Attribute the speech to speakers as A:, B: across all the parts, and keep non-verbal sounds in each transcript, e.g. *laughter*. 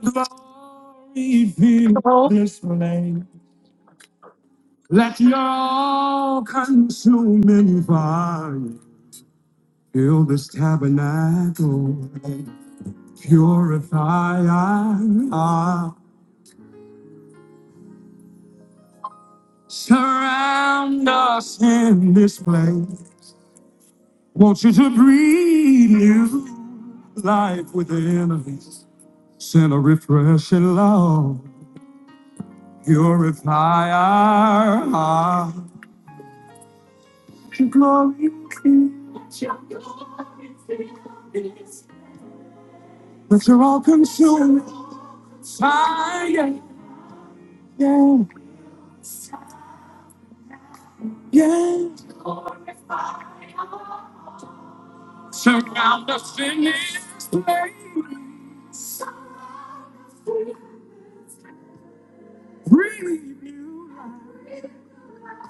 A: glory fill
B: Oh,
A: this place. Let your consuming fire fill this tabernacle. Purify us. Surround us in this place. Want you to breathe new life within us. Send a refreshing love. Purify our hearts. Glory But you're all consuming fire. Yeah, yeah. yeah. Surround us in this place. Breathe new life.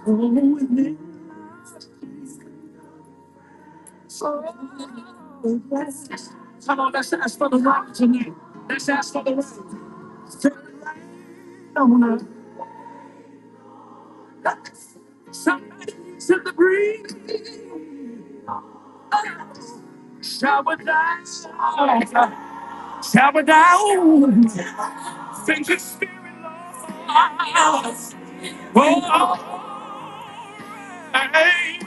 A: Oh, in this. Come on, let's ask for the light tonight. Somebody needs to breathe. Shower down. Shower down. Thank you, Spirit. Lord. Oh, hey.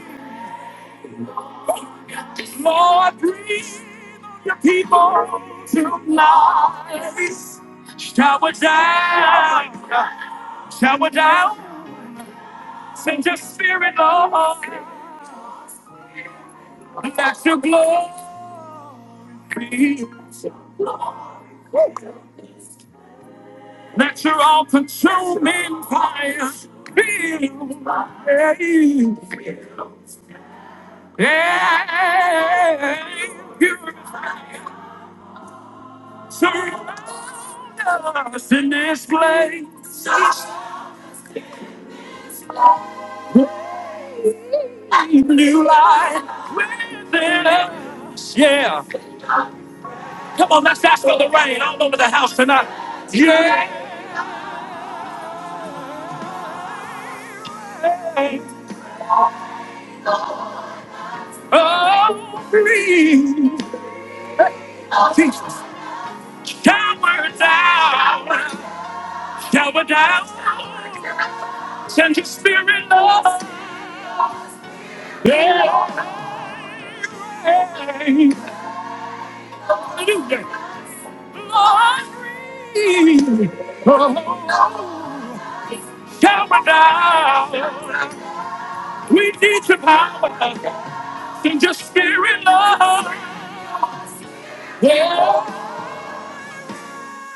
A: Lord, breathe. Your people tonight. Shower down, shower down, send your spirit, Lord. Let your glory, let your all consuming fire feel. Hey, hey, purify, surround us in this place. New life within us. Yeah. Come on, let's ask for the rain all over the house tonight. Yeah. Oh, breathe. Jesus. Shower down, shower down, send your spirit love. Yeah. Hallelujah. Glory. Oh, shower down, we need your power, send your spirit love.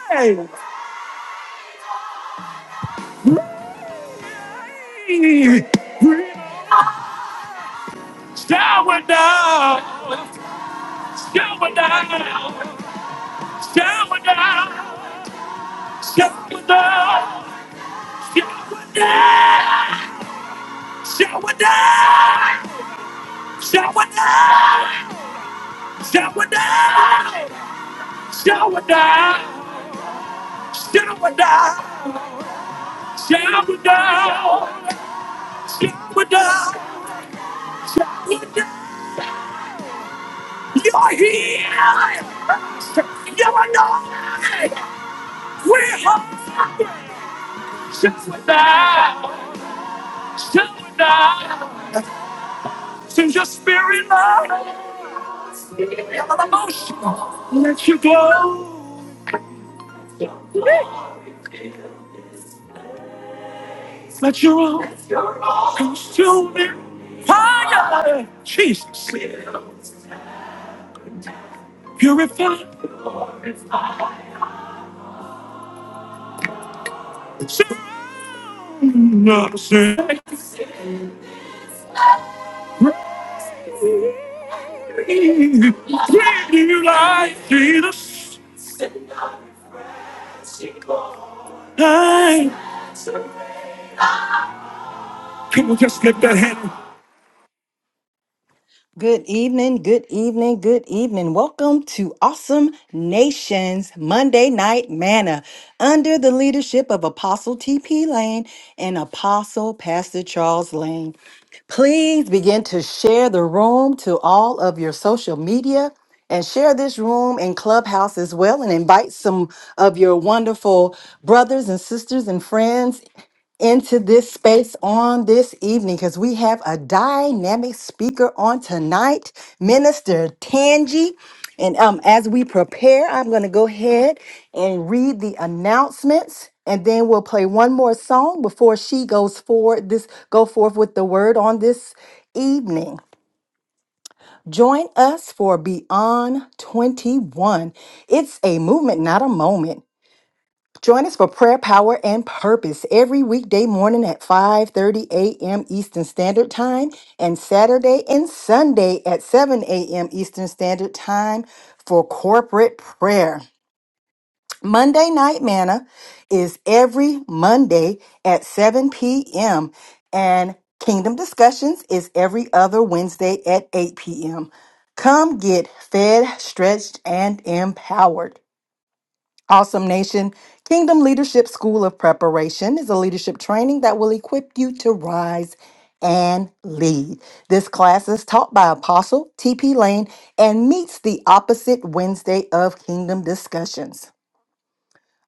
A: Shower down, shower down, shower down, shower down, shower down, shower down, shower down, shower down, shower down, shower down, shower down, shower down, shower down. You're here. You're alive. We're whole. Just with that. Just with that. Send your spirit, Lord. Feel an emotional. Let you glow. Let your own consume it. Fire. Jesus. Purify. Surround us. Breathe. Breathe new life. Jesus. Come on, just lift that hand. Good evening, good evening, good evening. Welcome to Awesome Nations Monday Night Manna under the leadership of Apostle T.P. Lane and Apostle Pastor Charles Lane. Please begin to share the room to all of your social media and share this room and clubhouse as well and invite some of your wonderful brothers and sisters and friends into this space on this evening because we have a dynamic speaker on tonight, Minister Tangi. And um, as we prepare, I'm going to go ahead and read the announcements, and then we'll play one more song before she goes forward. This go forth with the word on this evening. Join us for Beyond 21. It's a movement, not a moment. Join us for prayer, power, and purpose every weekday morning at 5:30 a.m. Eastern Standard Time and Saturday and Sunday at 7 a.m. Eastern Standard Time for corporate prayer. Monday Night Manna is every Monday at 7 p.m. and Kingdom Discussions is every other Wednesday at 8 p.m. Come get fed, stretched, and empowered. Awesome Nation Kingdom Leadership School of Preparation is a leadership training that will equip you to rise and lead. This class is taught by Apostle T.P. Lane and meets the opposite Wednesday of Kingdom discussions.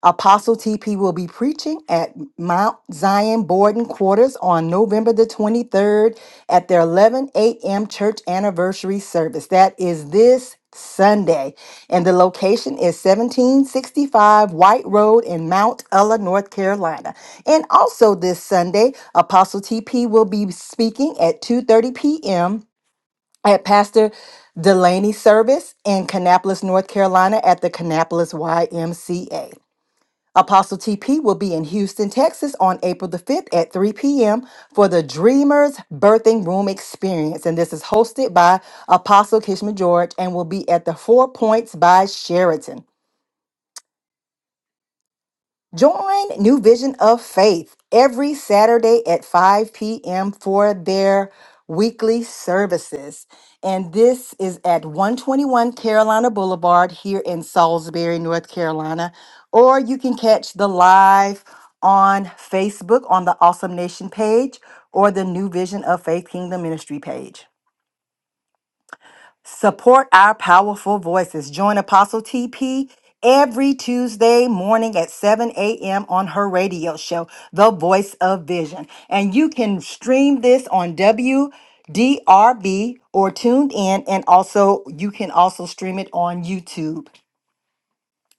A: Apostle TP will be preaching at Mount Zion Borden Quarters on November the 23rd at their 11 a.m. church anniversary service. That is this Sunday. And the location is 1765 White Road in Mount Ella, North Carolina. And also this Sunday, Apostle TP will be speaking at 2:30 p.m. at Pastor Delaney service in Kannapolis, North Carolina at the Kannapolis YMCA. Apostle TP will be in Houston, Texas on April the 5th at 3 p.m. for the Dreamers Birthing Room Experience. And this is hosted by Apostle Kishma George and will be at the Four Points by Sheraton. Join New Vision of Faith every Saturday at 5 p.m. for their weekly services. And this is at 121 Carolina Boulevard here in Salisbury, North Carolina. Or you can catch the live on Facebook on the Awesome Nation page or the New Vision of Faith Kingdom Ministry page. Support our powerful voices. Join Apostle TP every Tuesday morning at 7 a.m. on her radio show, The Voice of Vision. And you can stream this on WDRB or tuned in, and also you can also stream it on YouTube.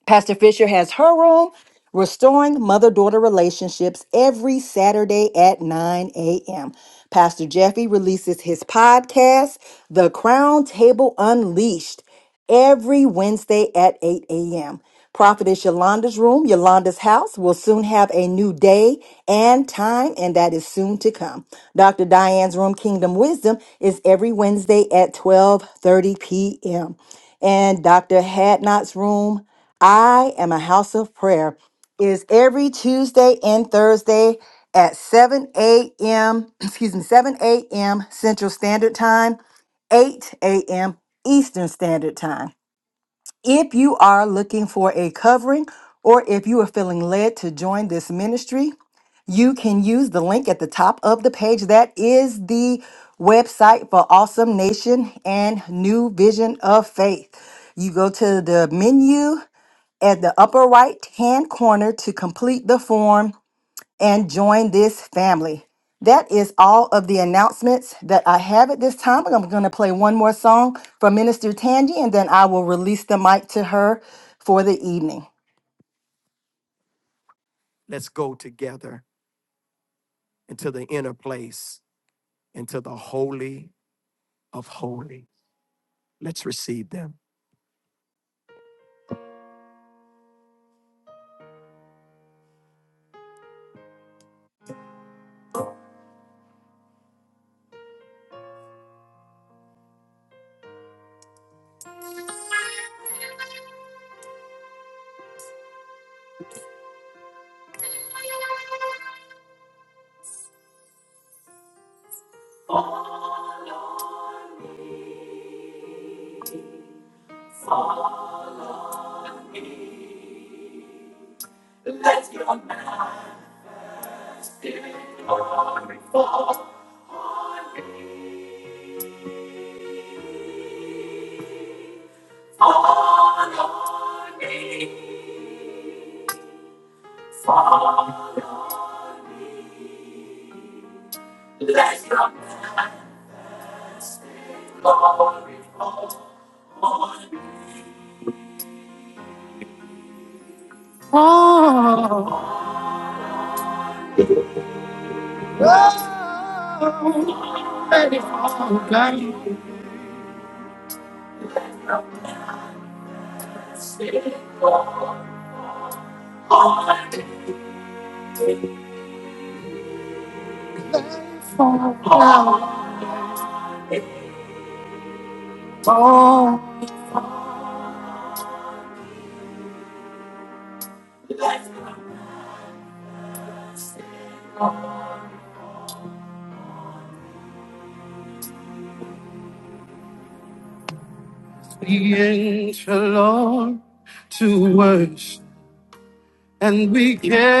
A: Pastor Fisher has her room, Restoring Mother Daughter Relationships, every Saturday at 9 a.m. Pastor Jeffy releases his podcast, The Crown Table Unleashed, every Wednesday at 8 a.m. Prophetess Yolanda's room, Yolanda's house, will soon have a new day and time, and that is soon to come. Dr. Diane's room, Kingdom Wisdom, is every Wednesday at 12:30 p.m. And Dr. Hadnot's room, I am a house of prayer is every Tuesday and Thursday at 7 a.m. *clears throat* excuse me 7 a.m. Central Standard Time, 8 a.m. Eastern Standard Time. If you are looking for a covering or if you are feeling led to join this ministry, you can use the link at the top of the page. That is the website for Awesome Nation and New Vision of Faith. You go to the menu at the upper right hand corner to complete the form and join this family. That is all of the announcements that I have at this time. I'm going to play one more song from Minister Tangi and then I will release the mic to her for the evening.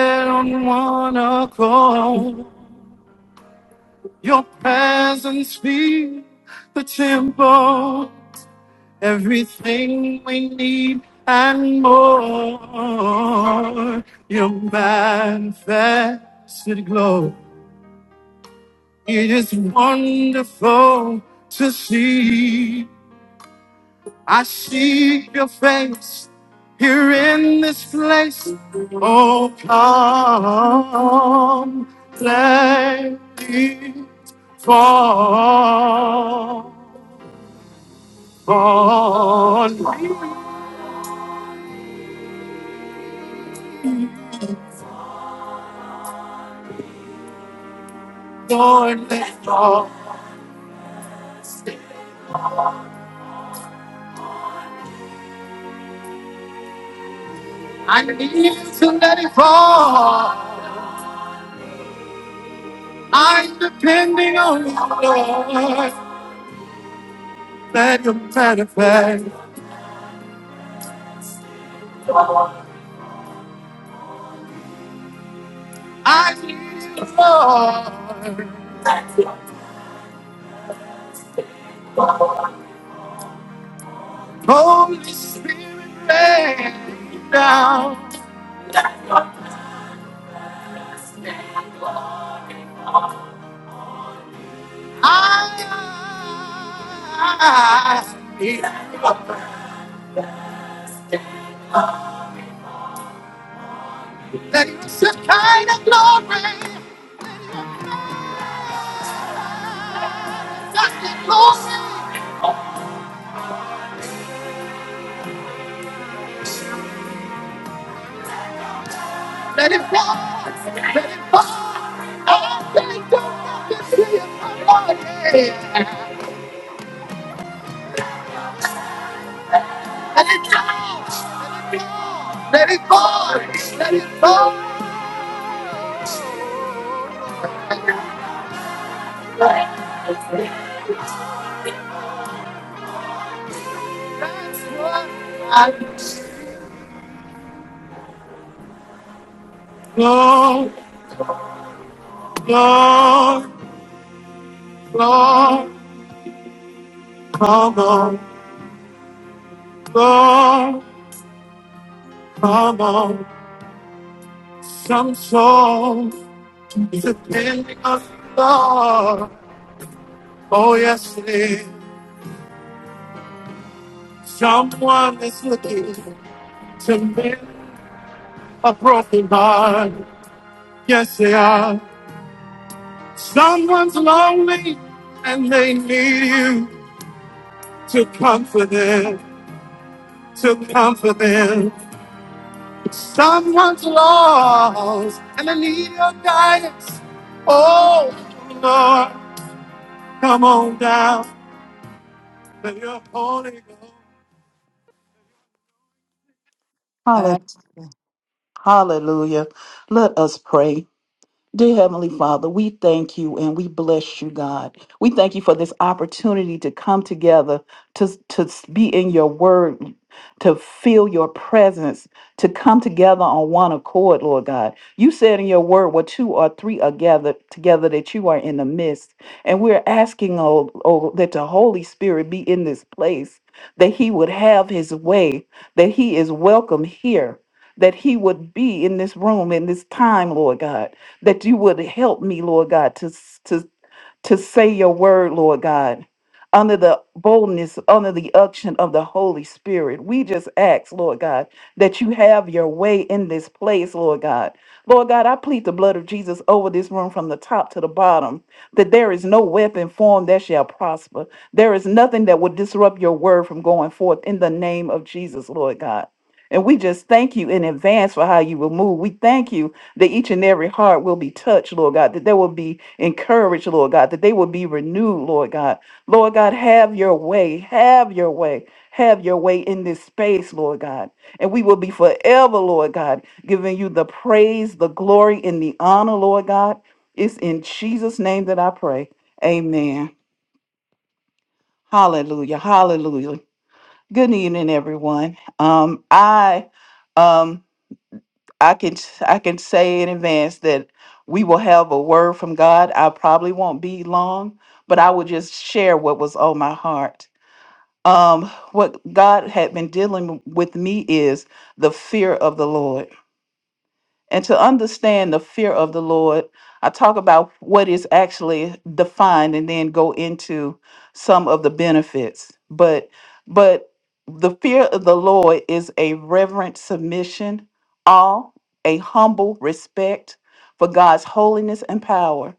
A: I don't wanna go. Your presence be the temple. Everything we need and more. Your manifested glow. It is wonderful to see. I see your face here in this place. Oh, come, let it fall. Fall, Lord, let it fall. I need to let it fall. I'm depending on you, Lord. Let you manifest. I need to fall. Just it, Lord. Let it fall. Let it fall. Oh, let it go. Let it fall. Yeah. Let it fall. Let it fall. Let it fall. Let it fall. That's what I need. Lord, Lord. Lord, come on, Lord, come on. Some souls depending on the Lord. Oh, yes, it is. Someone is looking to mend a broken heart. Yes, they are. Someone's lonely and they need you to comfort them, to comfort them. Someone's lost, and I need your guidance. Oh, Lord, come on down. Let your Holy Ghost.
B: hallelujah. Let us pray. Dear Heavenly Father, we thank you and we bless you, God. We thank you for this opportunity to come together, to, to be in your word, to feel your presence, to come together on one accord, Lord God. You said in your word, where two or three are gathered together, that you are in the midst. And we're asking, oh, oh, that the Holy Spirit be in this place, that he would have his way, that he is welcome here. That he would be in this room in this time, Lord God that you would help me, Lord God, to, to, to say your word, Lord God, under the boldness, under the unction of the Holy Spirit. We just ask, Lord God, that you have your way in this place, Lord God. Lord God, I plead the blood of Jesus over this room from the top to the bottom, that there is no weapon formed that shall prosper. There is nothing that will disrupt your word from going forth in the name of Jesus, Lord God. And we just thank you in advance for how you will move. We thank you that each and every heart will be touched, Lord God, that they will be encouraged, Lord God, that they will be renewed, Lord God. Lord God, have your way, have your way, have your way in this space, Lord God. And we will be forever, Lord God, giving you the praise, the glory, and the honor, Lord God. It's in Jesus' name that I pray. Amen. Hallelujah. Hallelujah. Good evening, everyone. Um, I um I can s- I can say in advance that we will have a word from God. I probably won't be long, but I will just share what was on my heart. Um, what God had been dealing with me is the fear of the Lord and to understand the fear of the Lord, I talk about what is actually defined and then go into some of the benefits. But but the fear of the Lord is a reverent submission, awe, a humble respect for God's holiness and power,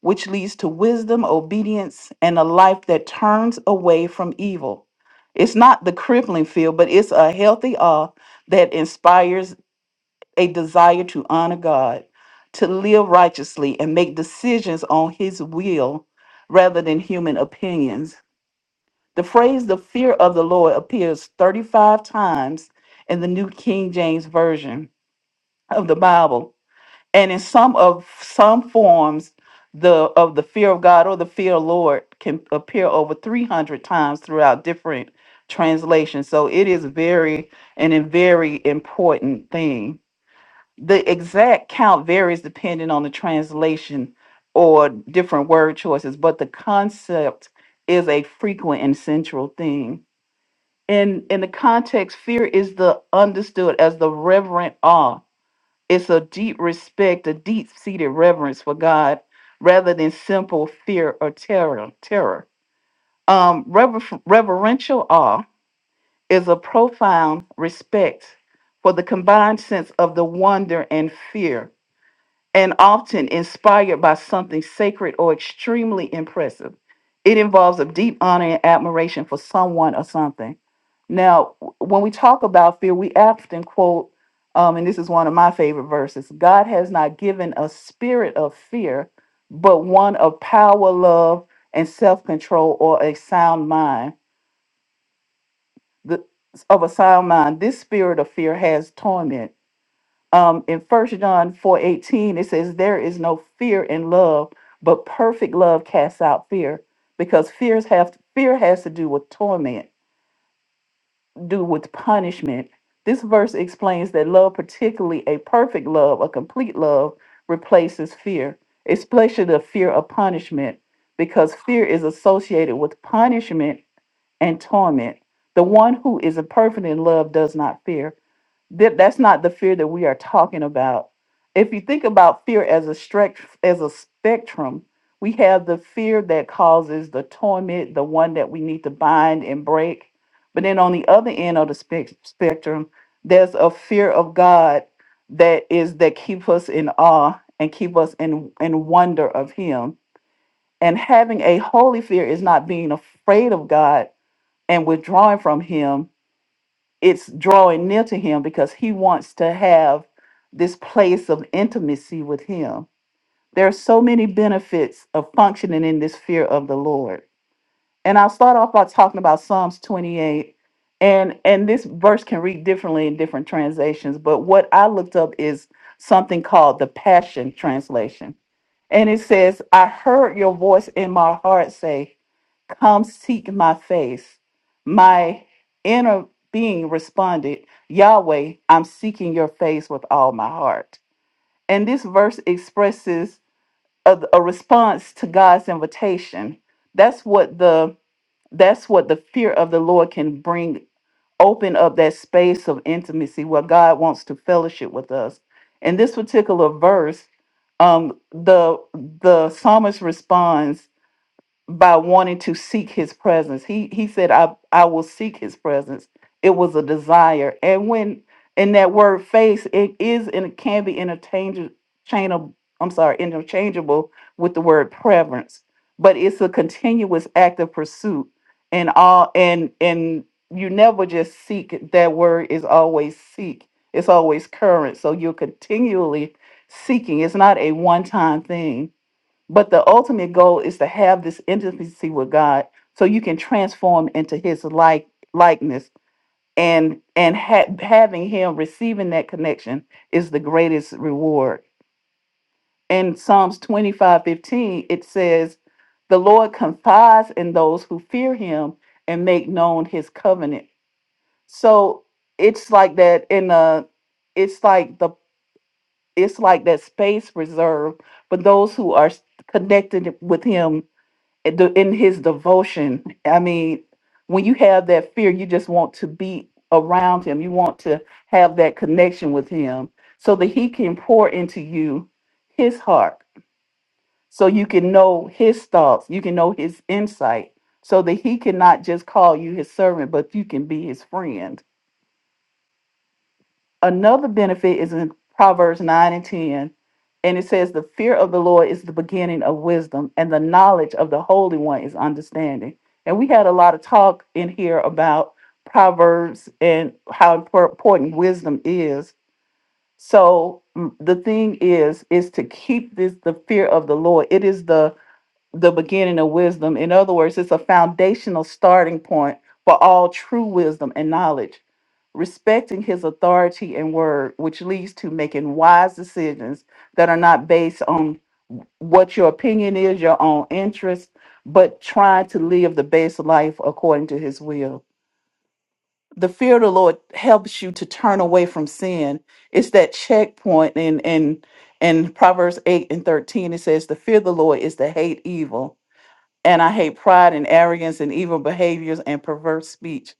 B: which leads to wisdom, obedience, and a life that turns away from evil. It's not the crippling fear, but it's a healthy awe that inspires a desire to honor God, to live righteously, and make decisions on His will rather than human opinions. The phrase the fear of the Lord appears 35 times in the New King James Version of the Bible. And in some of some forms the of the fear of God or the fear of Lord can appear over 300 times throughout different translations. So it is very and a very important thing the exact count varies depending on the translation or different word choices, but the concept is a frequent and central theme. In in the context, fear is the understood as the reverent awe. It's a deep respect, a deep-seated reverence for God, rather than simple fear or terror. Terror. Um, rever- reverential awe is a profound respect for the combined sense of the wonder and fear and often inspired by something sacred or extremely impressive. It involves a deep honor and admiration for someone or something. Now, w- when we talk about fear, we often quote, um, and this is one of my favorite verses God has not given a spirit of fear, but one of power, love, and self control or a sound mind. The, of a sound mind, this spirit of fear has torment um, in First John four eighteen, it says, "There is no fear in love, but perfect love casts out fear, because fears have fear has to do with torment, do with punishment." This verse explains that love, particularly a perfect love, a complete love, replaces fear, especially the fear of punishment, because fear is associated with punishment and torment. The one who is a perfect in love does not fear that that's not the fear that we are talking about. If you think about fear as a stretch as a spectrum, we have the fear that causes the torment, the one that we need to bind and break. But then on the other end of the spec- spectrum, there's a fear of God that is that keep us in awe and keep us in in wonder of Him. And having a holy fear is not being afraid of God and withdrawing from Him it's drawing near to him because he wants to have this place of intimacy with him. There are so many benefits of functioning in this fear of the Lord and I'll start off by talking about Psalms 28. And and this verse can read differently in different translations, but what I looked up is something called the Passion Translation. And it says, I heard your voice in my heart say, Come seek my face. My inner being responded, Yahweh, I'm seeking your face with all my heart. And this verse expresses a, a response to God's invitation. That's what the that's what the fear of the Lord can bring open up that space of intimacy where God wants to fellowship with us. In this particular verse, um, the the psalmist responds by wanting to seek his presence. He he said, I, I will seek his presence. It was a desire. And when in that word face, it is and it can be interchangeable chain of I'm sorry, interchangeable with the word preference. But it's a continuous act of pursuit and all and and you never just seek it. that word is always seek. It's always current. So you're continually seeking. It's not a one-time thing but the ultimate goal is to have this intimacy with God so you can transform into his like likeness and and ha- having him receiving that connection is the greatest reward. In Psalms 25:15 it says, "The Lord confides in those who fear him and make known his covenant." So it's like that in a it's like the it's like that space reserved for those who are connected with him in the- in his devotion. I mean, when you have that fear, you just want to be around him. You want to have that connection with him so that he can pour into you his heart, so you can know his thoughts, you can know his insight, so that he cannot just call you his servant, but you can be his friend Another benefit is in Proverbs 9 and 10. And it says, The fear of the Lord is the beginning of wisdom, and the knowledge of the Holy One is understanding. And we had a lot of talk in here about Proverbs and how impor- important wisdom is. So mm, the thing is, is to keep this the fear of the Lord. It is the the beginning of wisdom. In other words, it's a foundational starting point for all true wisdom and knowledge respecting his authority and word, which leads to making wise decisions that are not based on what your opinion is, your own interest, but trying to live the best life according to his will. The fear of the Lord helps you to turn away from sin. It's that checkpoint in in in Proverbs 8 and 13. It says, The fear of the Lord is to hate evil. And I hate pride and arrogance and evil behaviors and perverse speech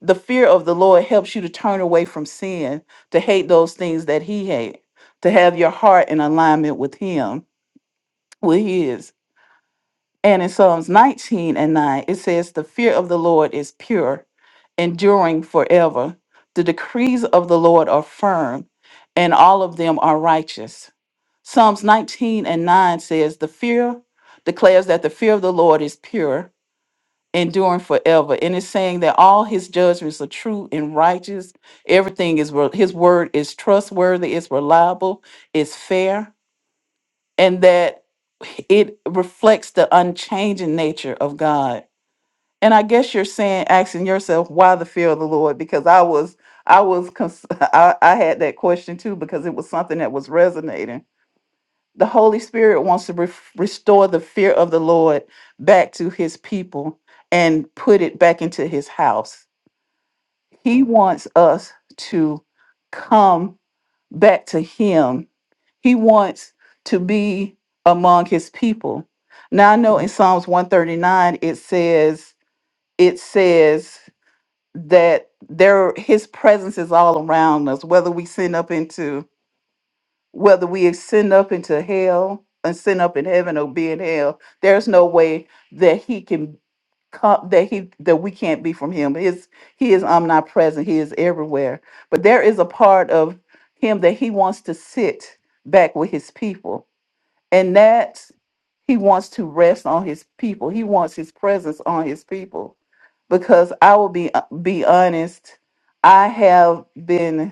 B: the fear of the Lord helps you to turn away from sin, to hate those things that He hates, to have your heart in alignment with Him, with His. And in Psalms 19 and 9, it says, The fear of the Lord is pure, enduring forever. The decrees of the Lord are firm, and all of them are righteous. Psalms 19 and 9 says, The fear declares that the fear of the Lord is pure enduring forever. And it's saying that all his judgments are true and righteous. Everything is wor- his word is trustworthy, it's reliable, it's fair, and that it reflects the unchanging nature of God. And I guess you're saying, asking yourself, why the fear of the Lord? Because I was, I was, cons- *laughs* I, I had that question too because it was something that was resonating the Holy Spirit wants to ref restore the fear of the Lord back to his people and put it back into his house. He wants us to come back to him. He wants to be among his people. Now I know in Psalms 139 it says it says that there his presence is all around us whether we sin up into whether we ascend up into hell, and ascend up in heaven, or be in hell, there's no way that he can come that he that we can't be from him. His he is omnipresent. He is everywhere. But there is a part of him that he wants to sit back with his people, and that he wants to rest on his people. He wants his presence on his people, because I will be uh, be honest. I have been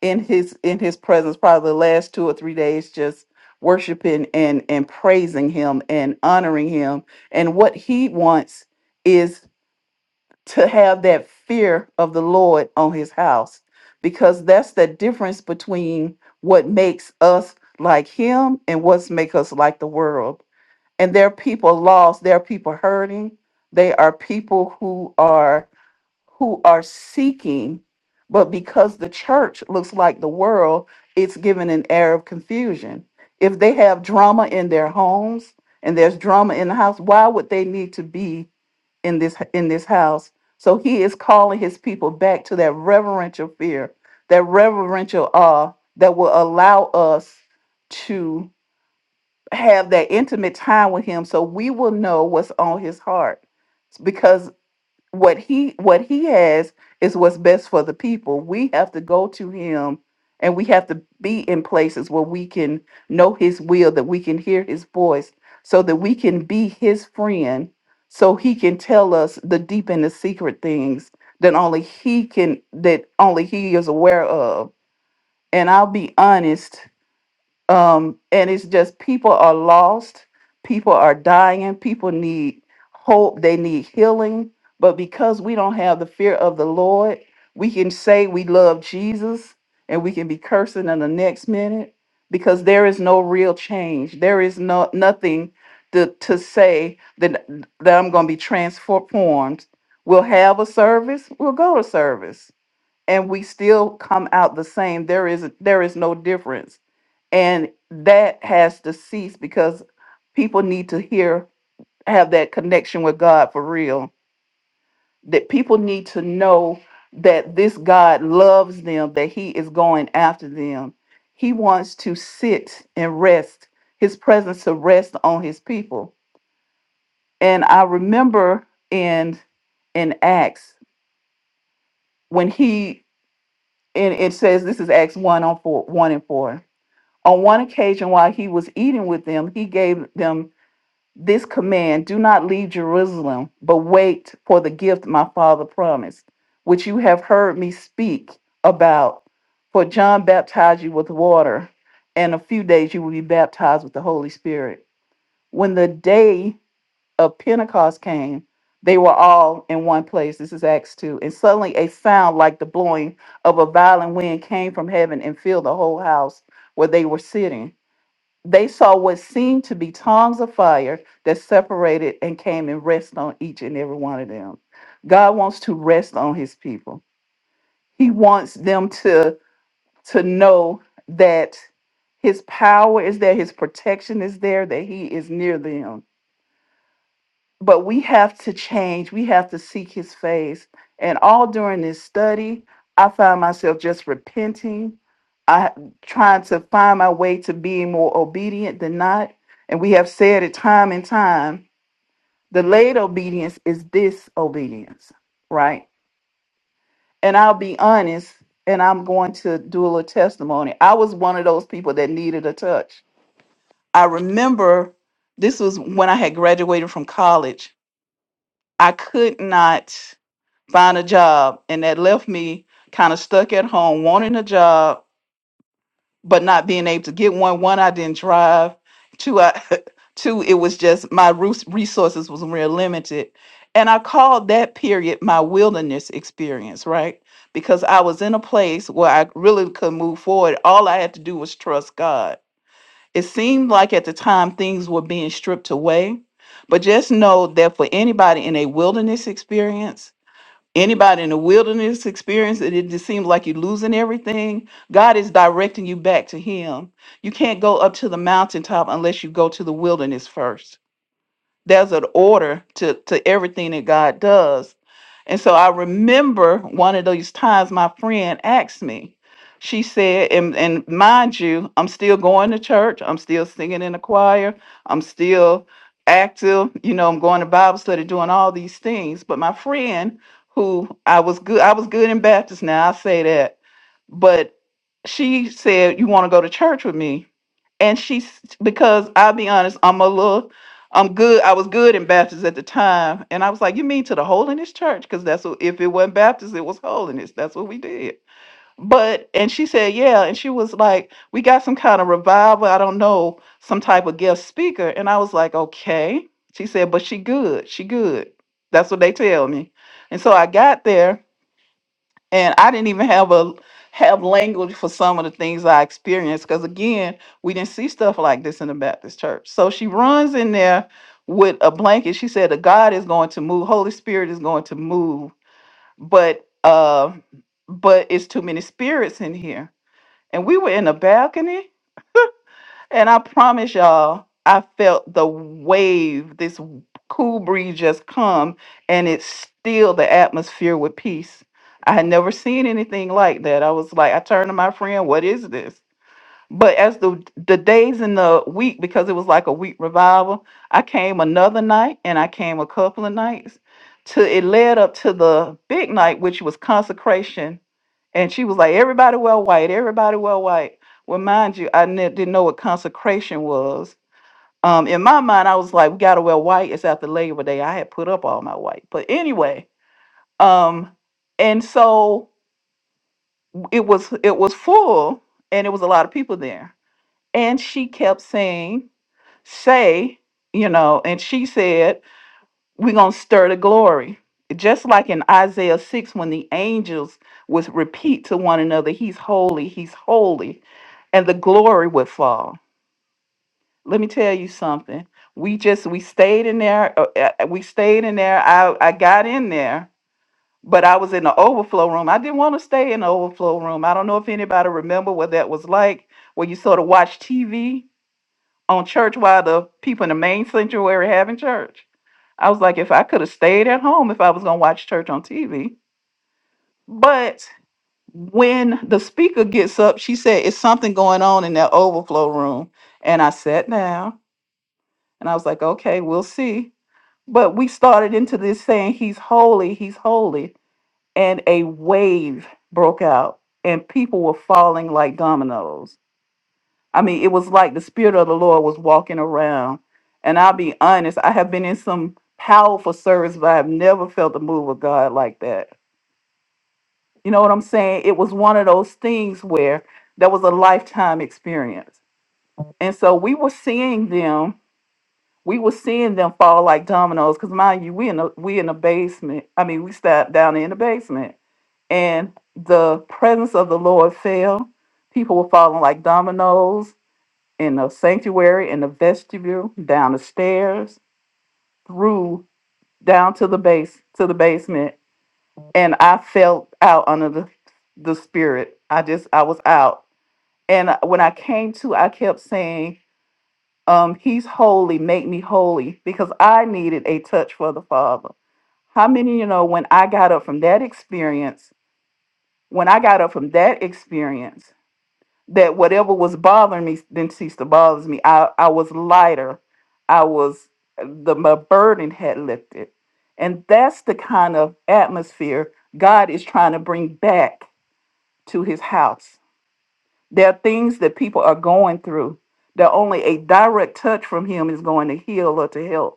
B: in his in his presence probably the last two or three days just worshiping and and praising him and honoring him and what he wants is to have that fear of the lord on his house because that's the difference between what makes us like him and what's make us like the world and there are people lost there are people hurting they are people who are who are seeking, but because the church looks like the world, it's given an air of confusion. If they have drama in their homes and there's drama in the house, why would they need to be in this in this house? So he is calling his people back to that reverential fear, that reverential awe that will allow us to have that intimate time with him so we will know what's on his heart because what he what he has is what's best for the people we have to go to him and we have to be in places where we can know his will that we can hear his voice so that we can be his friend so he can tell us the deep and the secret things that only he can that only he is aware of and i'll be honest um, and it's just people are lost, people are dying, people need hope, they need healing. But because we don't have the fear of the Lord, we can say we love Jesus and we can be cursing in the next minute because there is no real change. There is no nothing to, to say that that I'm going to be transformed. We'll have a service, we'll go to service and we still come out the same there is there is no difference and that has to cease because people need to hear have that connection with god for real that people need to know that this god loves them that he is going after them he wants to sit and rest his presence to rest on his people and i remember in in acts when he and it says this is acts 1 on 4 1 and 4 On one occasion, while he was eating with them, he gave them this command Do not leave Jerusalem, but wait for the gift my father promised, which you have heard me speak about. For John baptized you with water, and a few days you will be baptized with the Holy Spirit. When the day of Pentecost came, they were all in one place. This is Acts 2. And suddenly a sound like the blowing of a violent wind came from heaven and filled the whole house where they were sitting. They saw what seemed to be tongues of fire that separated and came and rest on each and every one of them. God wants to rest on his people. He wants them to to know that his power is there, his protection is there, that he is near them but we have to change. We have to seek his face. And all during this study, I found myself just repenting. I trying to find my way to being more obedient than not. And we have said it time and time. Delayed obedience is disobedience, right? And I'll be honest, and I'm going to do a little testimony. I was one of those people that needed a touch. I remember this was when I had graduated from college. I could not find a job and that left me kind of stuck at home wanting a job but not being able to get one one i didn't drive two i *laughs* two it was just my rus- resources was real limited and i called that period my wilderness experience right because i was in a place where i really could move forward all i had to do was trust god it seemed like at the time things were being stripped away but just know that for anybody in a wilderness experience Anybody in the wilderness experience it, it just seems like you're losing everything. God is directing you back to Him. You can't go up to the mountaintop unless you go to the wilderness first there's an order to to everything that God does. And so I remember one of those times my friend asked me. She said, and, and mind you, I'm still going to church. I'm still singing in the choir. I'm still active. You know, I'm going to Bible study, doing all these things. But my friend, who I was good, I was good in Baptist. Now I say that but she said you want to go to church with me and she s- because i'll be honest i'm a little i'm good i was good in baptist at the time and i was like you mean to the holiness church because that's what if it wasn't baptist it was holiness that's what we did but and she said yeah and she was like we got some kind of revival i don't know some type of guest speaker and i was like okay she said but she good she good that's what they tell me and so i got there and I didn't even have a have language for some of the things I experienced because again, we didn't see stuff like this in the Baptist church. So she runs in there with a blanket. She said, "The God is going to move. Holy Spirit is going to move, but uh, but it's too many spirits in here." And we were in the balcony, and I promise y'all, I felt the wave, this cool breeze just come, and it's still the atmosphere with peace. I had never seen anything like that. I was like, I turned to my friend, what is this? But as the the days in the week, because it was like a week revival, I came another night and I came a couple of nights. To it led up to the big night, which was consecration and she was like, everybody wear white, everybody wear white. Well, mind you, I ne- didn't know what consecration was. Um, in my mind, I was like, we gotta wear white. It's after Labor Day. I had put up all my white. But anyway, um, and so it was it was full and it was a lot of people there. And she kept saying, say, you know, and she said, we're going to stir the glory just like in isaiah 6 when the angels would repeat to one another he's holy he's holy and the glory would fall let me tell you something we just we stayed in there uh, uh, uh, we stayed in there i i got in there but i was in the overflow room i didn't want to stay in the overflow room i don't know if anybody remember what that was like where you sort of watch tv on church while the people in the main sanctuary having church I was like, if I could have stayed at home if I was going to watch church on TV. But when the speaker gets up, she said, it's something going on in that overflow room. And I sat down and I was like, okay, we'll see. But we started into this saying, he's holy, he's holy. And a wave broke out and people were falling like dominoes. I mean, it was like the spirit of the Lord was walking around. And I'll be honest, I have been in some powerful service, but I've never felt the move of God like that. You know what I'm saying? It was one of those things where that was a lifetime experience. And so we were seeing them, we were seeing them fall like dominoes. Cause mind you, we in the we in the basement. I mean, we sat down in the basement. And the presence of the Lord fell. People were falling like dominoes in the sanctuary, in the vestibule, down the stairs, through down to the base to the basement, and I felt out under the the spirit. I just I was out, and when I came to, I kept saying, um, "He's holy, make me holy," because I needed a touch for the Father. How many of you know when I got up from that experience? When I got up from that experience. that whatever was bothering me didn't cease to bother me. I, I was lighter. I was the my burden had lifted. And that's the kind of atmosphere God is trying to bring back to his house. There are things that people are going through that only a direct touch from him is going to heal or to help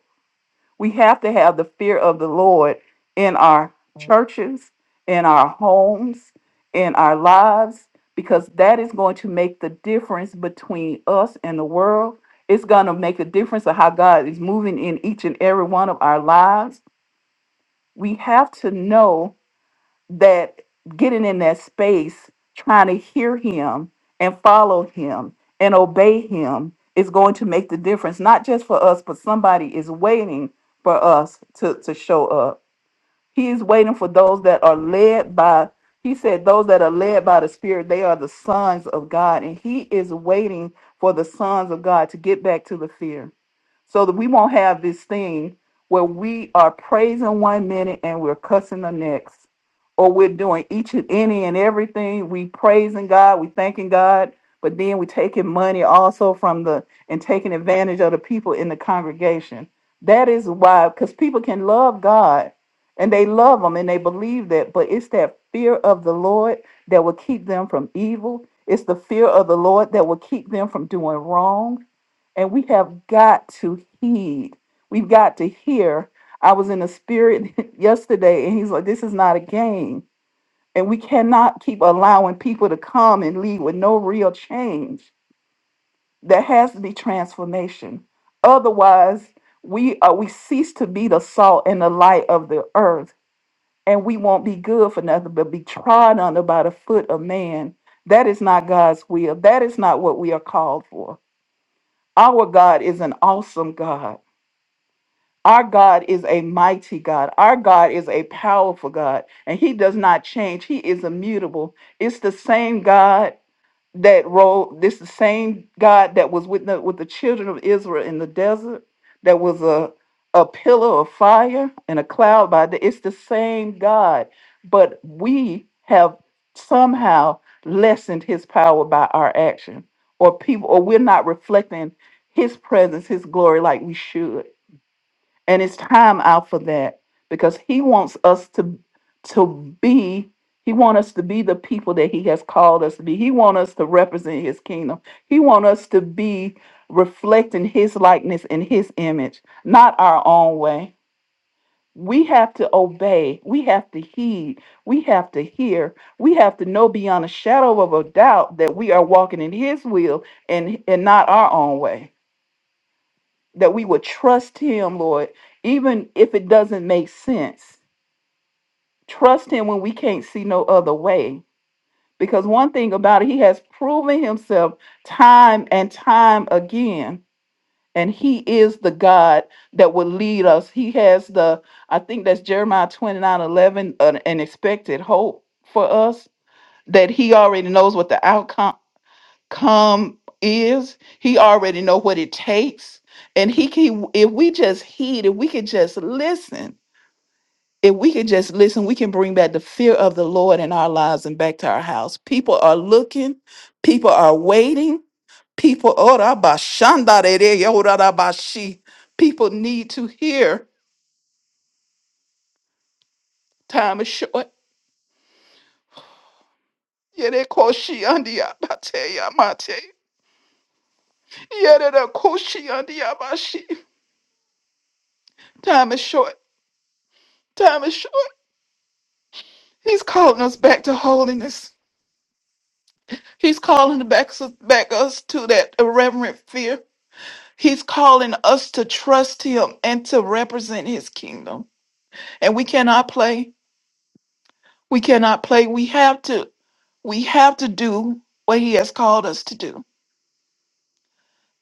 B: we have to have the fear of the Lord in our churches, in our homes, in our lives, because that is going to make the difference between us and the world. It's going to make a difference of how God is moving in each and every one of our lives. We have to know that getting in that space, trying to hear him and follow him and obey him is going to make the difference, not just for us, but somebody is waiting for us to, to show up. He is waiting for those that are led by, he said, those that are led by the Spirit, they are the sons of God. And he is waiting for the sons of God to get back to the fear so that we won't have this thing where we are praising one minute and we're cussing the next, or we're doing each and any and everything. We praising God, we thanking God, but then we taking money also from the and taking advantage of the people in the congregation. That is why, because people can love God and they love Him and they believe that, but it's that fear of the Lord that will keep them from evil. It's the fear of the Lord that will keep them from doing wrong. And we have got to heed. We've got to hear. I was in the spirit *laughs* yesterday, and he's like, this is not a game. And we cannot keep allowing people to come and leave with no real change. There has to be transformation. Otherwise, we uh, we cease to be the salt and the light of the earth, and we won't be good for nothing but be trod under by the foot of man. That is not God's will. That is not what we are called for. Our God is an awesome God. Our God is a mighty God. Our God is a powerful God, and He does not change. He is immutable. It's the same God that rolled. This the same God that was with the, with the children of Israel in the desert. That was a a pillar of fire and a cloud by the. It's the same God, but we have somehow lessened His power by our action, or people, or we're not reflecting His presence, His glory like we should and it's time out for that because he wants us to to be he wants us to be the people that he has called us to be he wants us to represent his kingdom he wants us to be reflecting his likeness and his image not our own way we have to obey we have to heed we have to hear we have to know beyond a shadow of a doubt that we are walking in his will and and not our own way that we would trust him, Lord, even if it doesn't make sense. Trust him when we can't see no other way. Because one thing about it, he has proven himself time and time again. And he is the God that will lead us. He has the, I think that's Jeremiah twenty-nine eleven, an, an expected hope for us that he already knows what the outcome come is he already know what it takes and he can if we just heed if we could just listen if we could just listen we can bring back the fear of the lord in our lives and back to our house people are looking people are waiting people Oh, da ba shanda de de, yo da da ba shi. people need to hear time is short Yeah, they call she ya ba te ya ma te. Yere da ko shi andi ya ba shi. time is short time is short He's calling us back to holiness. He's calling back, back us to that irreverent fear. He's calling us to trust him and to represent his kingdom. And we cannot play. We cannot play. We have to we have to do what he has called us to do.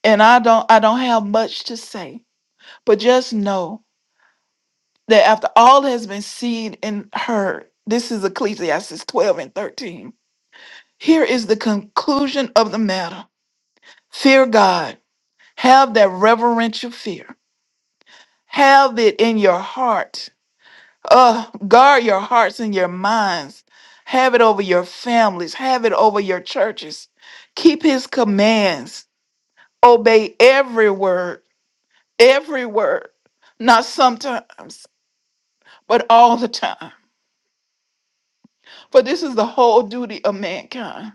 B: And I don't I don't have much to say, but just know that after all has been seen and heard, this is Ecclesiastes 12 and 13. Here is the conclusion of the matter. Fear God Have that reverential fear. Have it in your heart. Uh, guard your hearts and your minds. Have it over your families. Have it over your churches. Keep his commands. Obey every word, every word. Not sometimes, but all the time. For this is the whole duty of mankind.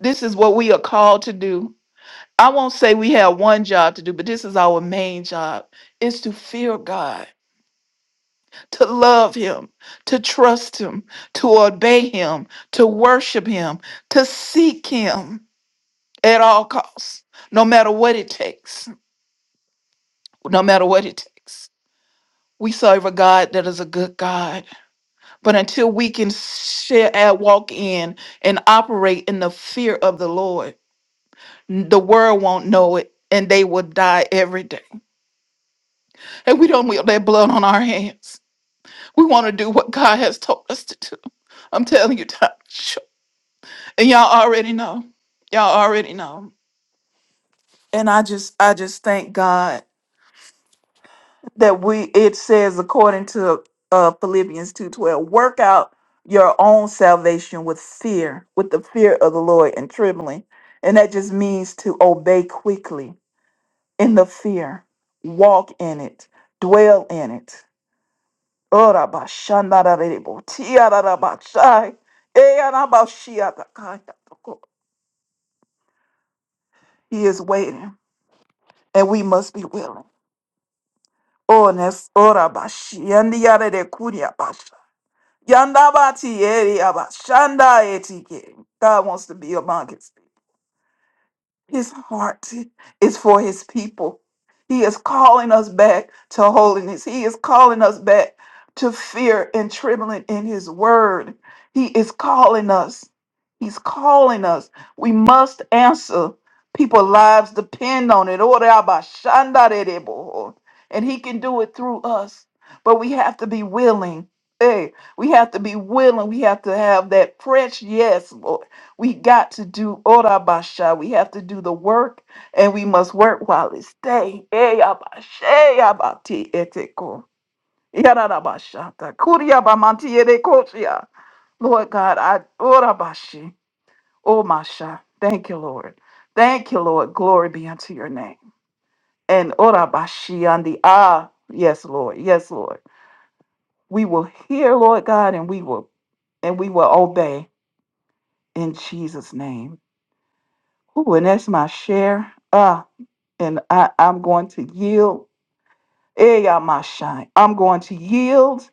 B: This is what we are called to do. I won't say we have one job to do, but this is our main job is to fear God to love him, to trust him, to obey him, to worship him, to seek him at all costs, no matter what it takes, no matter what it takes. We serve a God that is a good God, but until we can share and walk in and operate in the fear of the Lord, the world won't know it and they will die every day. And we don't want that blood on our hands. We want to do what God has told us to do. I'm telling you, Tom. And y'all already know. Y'all already know. And I just I just thank God that we it says according to uh Philippians 2:12, work out your own salvation with fear, with the fear of the Lord and trembling. And that just means to obey quickly in the fear, walk in it, dwell in it. He is waiting and we must be willing. Ones ora bashi yandi yare de kuria basha. Yanda bati eri abashanda etike. God wants to be among us. His heart is for his people. He is calling us back to holiness. He is calling us back to fear and trembling in his word. He is calling us. He's calling us. We must answer. People's lives depend on it. Ore aba shanda de de bo. And he can do it through us. But we have to be willing. Hey, we have to be willing. We have to have that fresh yes, Lord. We got to do Orabasha. We have to do the work and we must work while it's day. Eyabashe, yabati, eteko. Yarabashata, kuriabamanti, erekotia. Lord God, I Orabashi. O Masha. Thank you, Lord. Thank you, Lord. Glory be unto your name. And Orabashi on the ah. Yes, Lord. Yes, Lord. We will hear, Lord God, and we will and we will obey in Jesus' name. Ooh, and that's my share. Ah. and I, I'm going to yield. Eh, y'all, my shine. I'm going to yield,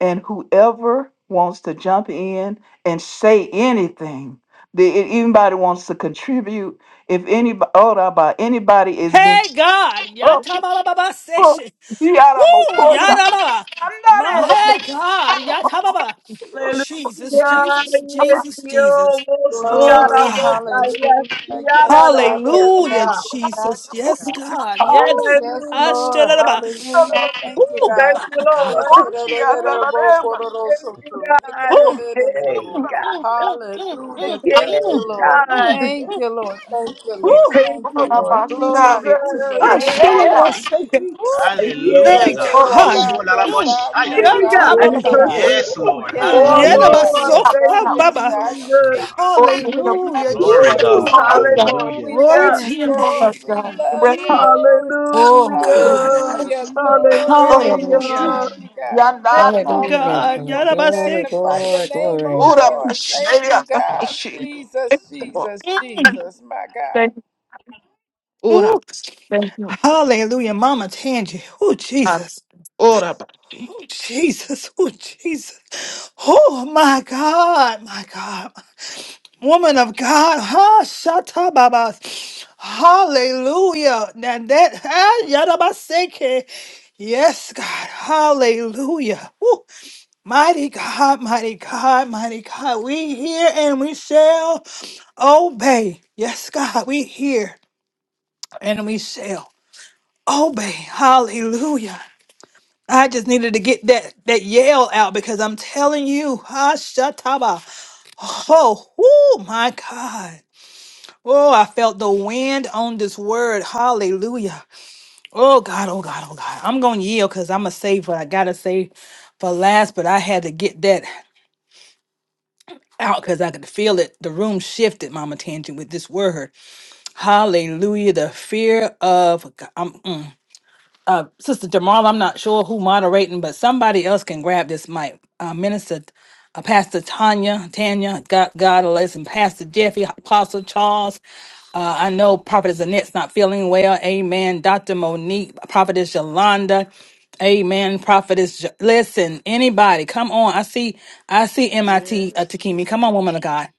B: and whoever wants to jump in and say anything, the, if anybody wants to contribute, if anybody, about anybody is being.
C: Hey God,
B: Oh,
C: Yatababa
B: oh,
C: session.
B: you out of my
C: Woo,
B: voice.
C: Yadababa.
B: I'm
C: My
B: not able to
C: hey God, Yatababa.
B: hear.
D: Hallelujah.
C: Jesus,
B: In the
C: Jesus,
D: Yes,
C: Jesus,
D: yo,
C: Jesus. Oh
D: Mosiara,
E: Glory,
C: God.
D: Mosiara,
E: hallelujah. Yes,
D: Yara,
E: God, yes,
C: Hallelujah,
E: God,
D: Mosiara.
E: yes, God,
C: Jesus.
E: yes,
C: Yes,
E: God.
B: voice, I'm
C: God. Yes.
E: Ooh, yes,
D: Hallelujah.
E: Lord,
C: Ashtalaba.
B: not
E: hallelujah. Thank you,
C: Oh
D: Thank
E: God.
C: my
D: you,
C: God.
E: Yes,
D: Lord.
E: it
B: able to hear.
E: is
B: I'm
E: a
B: not
E: bowl,
B: able to
D: Thank
E: cororoso,
D: you,
E: too. Make
D: God.
C: Oh.
E: it a little
C: Mm,
D: Hey,
C: mm,
E: bowl.
D: God.
C: mm, mm,
E: hallelujah.
C: mm,
E: Thank
D: Yes,
E: you,
C: mm,
F: Mm,
E: Lord.
F: mm,
C: mm,
D: God.
F: yes,
E: Thank
C: mm.
E: you, Lord.
F: Father.
E: Thank you, Lord.
C: Oh,
D: Thank
E: Thank you,
D: you,
F: Thank
B: Oh,
E: Lord.
F: you,
B: my
F: Father.
B: shine.
E: Glory
B: Eh,
F: Mm,
E: to your
D: Jesus.
B: eh,
E: name,
B: eh,
E: oh
F: thank
B: yeah.
E: God.
F: you,
C: Ashtalaba.
F: Jesus.
E: Ooh,
G: Hallelujah,
C: Hey,
E: Jesus.
G: God.
B: Oh,
D: Yes.
B: da,
E: Yes,
G: You
B: ba,
C: God.
F: Ooh,
G: swore
E: God.
F: thank
E: Yes,
C: Mm.
F: you,
E: God.
G: Lalabashaya,
D: Thank
F: God.
E: Yes,
D: you,
G: God.
E: God.
F: Mm,
B: eh,
C: Yata
D: God.
E: Yes,
D: *laughs*
C: baba.
B: eh, eh.
E: God.
G: Yes,
F: ooh,
G: Lord.
F: yes,
C: Mm.
F: God.
B: Glory
E: Yes,
C: Yada
F: Yeah,
C: ba
G: Hallelujah.
E: God.
D: Oh,
F: get
B: to
D: I
F: it over.
E: Yes,
C: soka
D: thank
E: God.
B: God.
D: you,
F: I
E: Yes,
F: should
C: baba.
F: get
E: God.
F: it off
E: Yes,
D: Jesus.
E: God
F: sometime.
B: Glory
F: Mm,
B: to the
F: yeah,
E: love
F: God.
C: Hallelujah,
E: you,
B: presence.
F: Yeah,
G: Glory,
E: Lord.
F: God.
E: We
C: Jesus.
F: Yeah,
D: Woo,
G: God.
E: love you, Lord.
G: Hallelujah.
E: We
D: hallelujah.
C: Glory
F: God.
E: love you,
C: to
F: Yes,
C: your
F: God.
B: So
C: name.
F: Yes,
E: Lord.
B: much
E: We
B: God.
F: God.
B: You
E: love
B: rest
E: you,
F: Mm,
B: on
E: Lord.
C: Oh,
F: ooh,
B: Jesus.
C: God.
F: yes,
D: Hallelujah.
F: Lord.
E: Hallelujah.
F: Mm,
B: Oh,
E: Glory.
B: my God.
E: We
C: Hallelujah.
D: Hallelujah.
E: love
F: yeah.
E: you, God.
B: Yandere.
C: Hey,
F: Mm,
H: Hallelujah.
C: God.
H: God.
E: Hallelujah.
C: Yada
E: We
C: ba
H: Glory,
C: sek.
E: magnify your
H: glory,
E: name,
H: glory.
E: oh
F: ooh,
B: Ura
F: yes.
C: Oh,
E: Lord.
C: Jesus.
E: Thank you,
B: Pashiria.
E: God.
B: Pashi.
E: Jesus,
B: Thank you, Lord.
E: Jesus,
C: Mm.
E: Jesus, my God.
B: Thank you. Ura
C: Ooh.
B: Thank you. Lord.
C: Hallelujah, Mama Tangi. Oh, Jesus.
B: Ura Pashi.
C: Oh, Jesus. Oh, Jesus. Oh, my God. My God. Woman of God, ha shata baba. Hallelujah. Now that ha yadabaseke. Yes, God. Hallelujah. Woo. Mighty God, mighty God, mighty God. We hear and we shall obey. Yes, God, we hear and we shall obey. Hallelujah. I just needed to get that that yell out because I'm telling you, ha shataba. Oh, woo, my God. Oh, I felt the wind on this word. Hallelujah. Oh, God, oh, God, oh, God. I'm going to yield because I'm going to save what I got to say for last, but I had to get that out because I could feel it. The room shifted, Mama Tangent, with this word. Hallelujah. The fear of God. I'm, mm. Sister Jamal, I'm not sure who moderating, but somebody else can grab this mic. Uh, Minister uh, Pastor Tanya, Tanya, God, God, and Pastor Jeffy, Apostle Charles. Uh, I know Prophetess Annette's not feeling well. Amen. Dr. Monique, Prophetess Yolanda. Amen. Prophetess, Jo- listen, anybody, come on. I see, I see MIT uh,
E: Yes. yes.
C: Takimi. Come on, woman of God.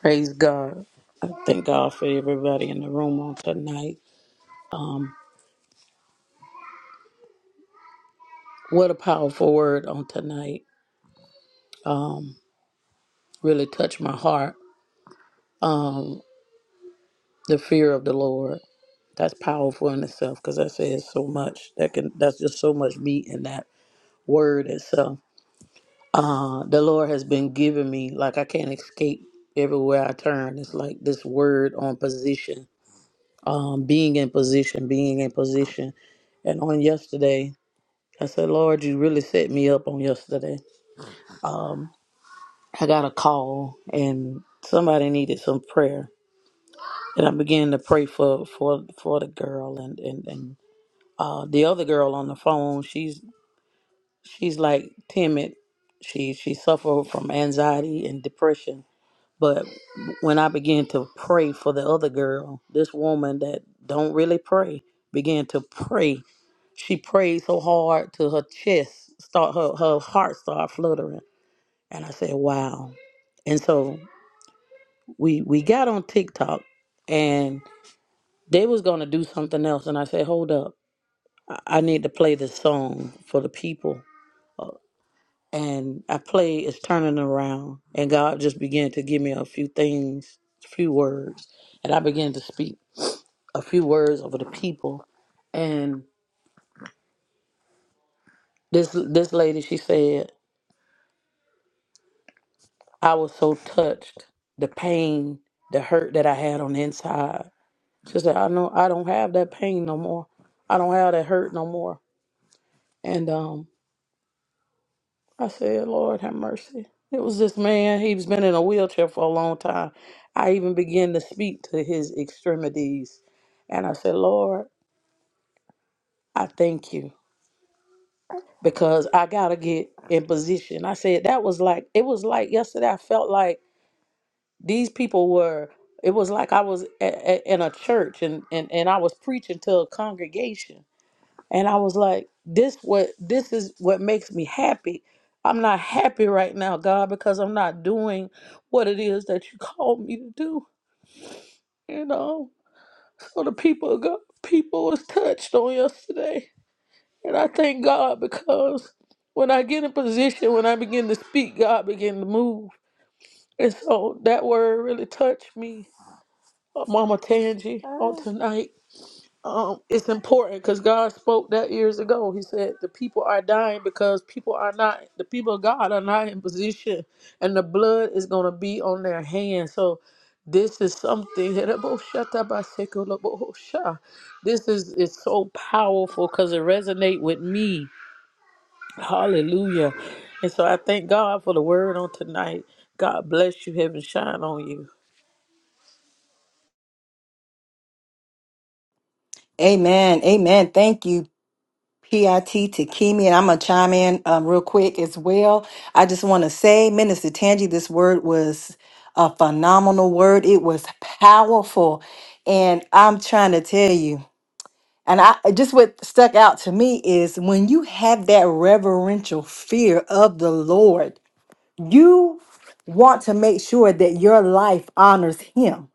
I: Praise God. I thank God for everybody in the room on tonight. Um, what a powerful word on tonight. Really touched my heart. The fear of the Lord. That's powerful in itself because that says so much. That can that's just so much meat in that word itself. Uh, the Lord has been giving me like I can't escape everywhere I turn. It's like this word on position. Um, being in position, being in position. And on yesterday, I said, Lord, you really set me up on yesterday I got a call and somebody needed some prayer. And I began to pray for for for the girl and and and uh, the other girl on the phone. She's she's like timid. She she suffered from anxiety and depression. But when I began to pray for the other girl, this woman that don't really pray began to pray. She prayed so hard to her chest start her her heart started fluttering. And I said, "Wow." And so we we got on TikTok and they was gonna do something else and I said, Hold up, I I need to play this song for the people and I play it's turning around and God just began to give me a few things, a few words, and I began to speak a few words over the people and this this lady she said, I was so touched, the pain, the hurt that I had on the inside. She said, I know I don't have that pain no more. I don't have that hurt no more. And um, I said, Lord, have mercy. It was this man. He's been in a wheelchair for a long time. I even began to speak to his extremities. And I said, Lord, I thank you because I got to get in position. I said, that was like, it was like yesterday. I felt like these people were, it was like I was a, a, in a church and, and, and I was preaching to a congregation And I was like, this what this is what makes me happy. I'm not happy right now, God, because I'm not doing what it is that you called me to do. You know. So the people of God people was touched on yesterday. And I thank God because when I get in position, when I begin to speak, God begin to move. And so that word really touched me, uh, Mama Tangi, on tonight. um, it's important because God spoke that years ago. He said the people are dying because people are not the people of God are not in position, and the blood is going to be on their hands. So this is something that this is is so powerful because it resonates with me. Hallelujah! And so I thank God for the word on tonight. God bless you. Heaven shine on you.
A: Amen. Amen. Thank you. PIT Takimi, and I'm gonna chime in um, real quick as well. I just want to say, Minister Tangi, this word was a phenomenal word. It was powerful, and I'm trying to tell you. And I just what stuck out to me is when you have that reverential fear of the Lord, you want to make sure that your life honors Him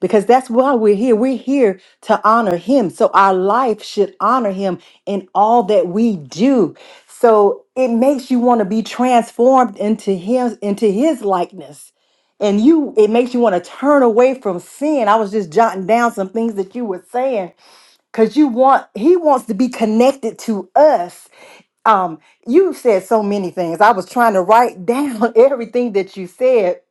A: because that's why we're here. We're here to honor Him. So our life should honor Him in all that we do. So it makes you want to be transformed into Him, into His likeness and you it makes you want to turn away from sin i was just jotting down some things that you were saying because you want he wants to be connected to us um you said so many things i was trying to write down *laughs* everything that you said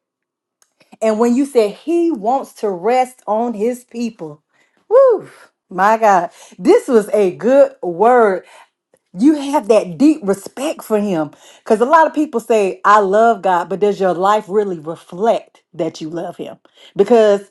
A: and when you said he wants to rest on his people woo my god this was a good word you have that deep respect for him because a lot of people say i love god but does your life really reflect that you love him Because.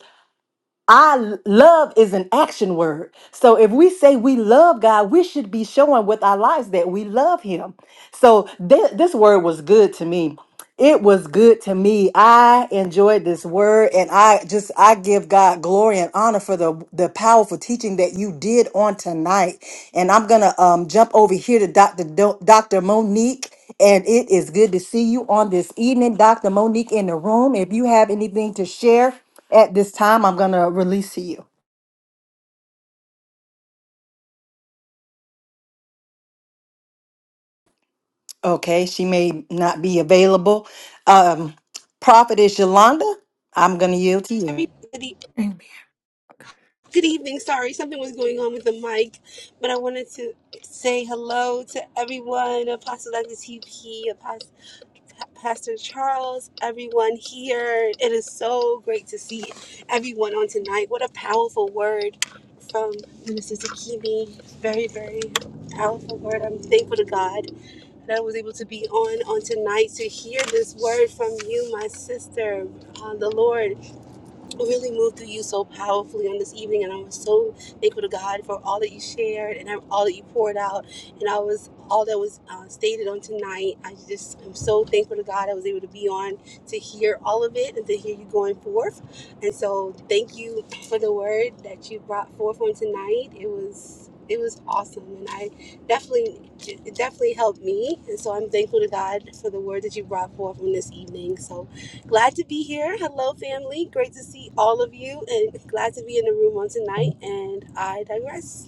A: I love is an action word. So if we say we love God, we should be showing with our lives that we love Him. So thi- this word was good to me. It was good to me. I enjoyed this word and I just I give God glory and honor for the the powerful teaching that you did on tonight. And I'm going to um jump over here to Dr. Do- Dr. Monique and it is good to see you on this evening Dr. Monique in the room. If you have anything to share at this time, I'm going to release to you. Okay, she may not be available. Um Prophetess Yolanda, I'm going to yield to you.
J: everybody.
H: Amen.
J: Good evening. Sorry, something was going on with the mic, but I wanted to say hello to everyone. Apostle Douglas TP, Apostle, Pastor Charles, everyone here. It is so great to see everyone on tonight. What a powerful word from Minister Takimi. Very, very powerful word. I'm thankful to God that I was able to be on on tonight to hear this word from you, my sister, uh, the Lord really moved through you so powerfully on this evening, and I was so thankful to God for all that you shared and all that you poured out, and I was all that was uh, stated on tonight. I just am so thankful to God I was able to be on to hear all of it and to hear you going forth. And so, thank you for the word that you brought forth on tonight. It was it was awesome, and I definitely it definitely helped me. And so, I'm thankful to God for the word that you brought forth on this evening. So, Glad to be here. Hello, family. Great to see all of you and glad to be in the room on tonight. And I digress.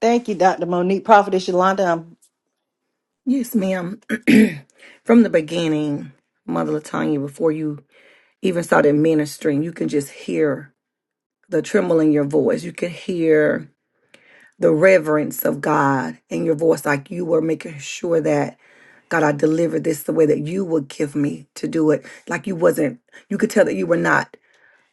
A: Thank you, Dr. Monique. Prophetess Yolanda,
H: Yes, ma'am. *clears throat* From the beginning, Mother Latanya, before you even started ministering, you can just hear the tremble in your voice. You could hear the reverence of God in your voice, like you were making sure that God, I delivered this the way that you would give me to do it. Like you wasn't, you could tell that you were not.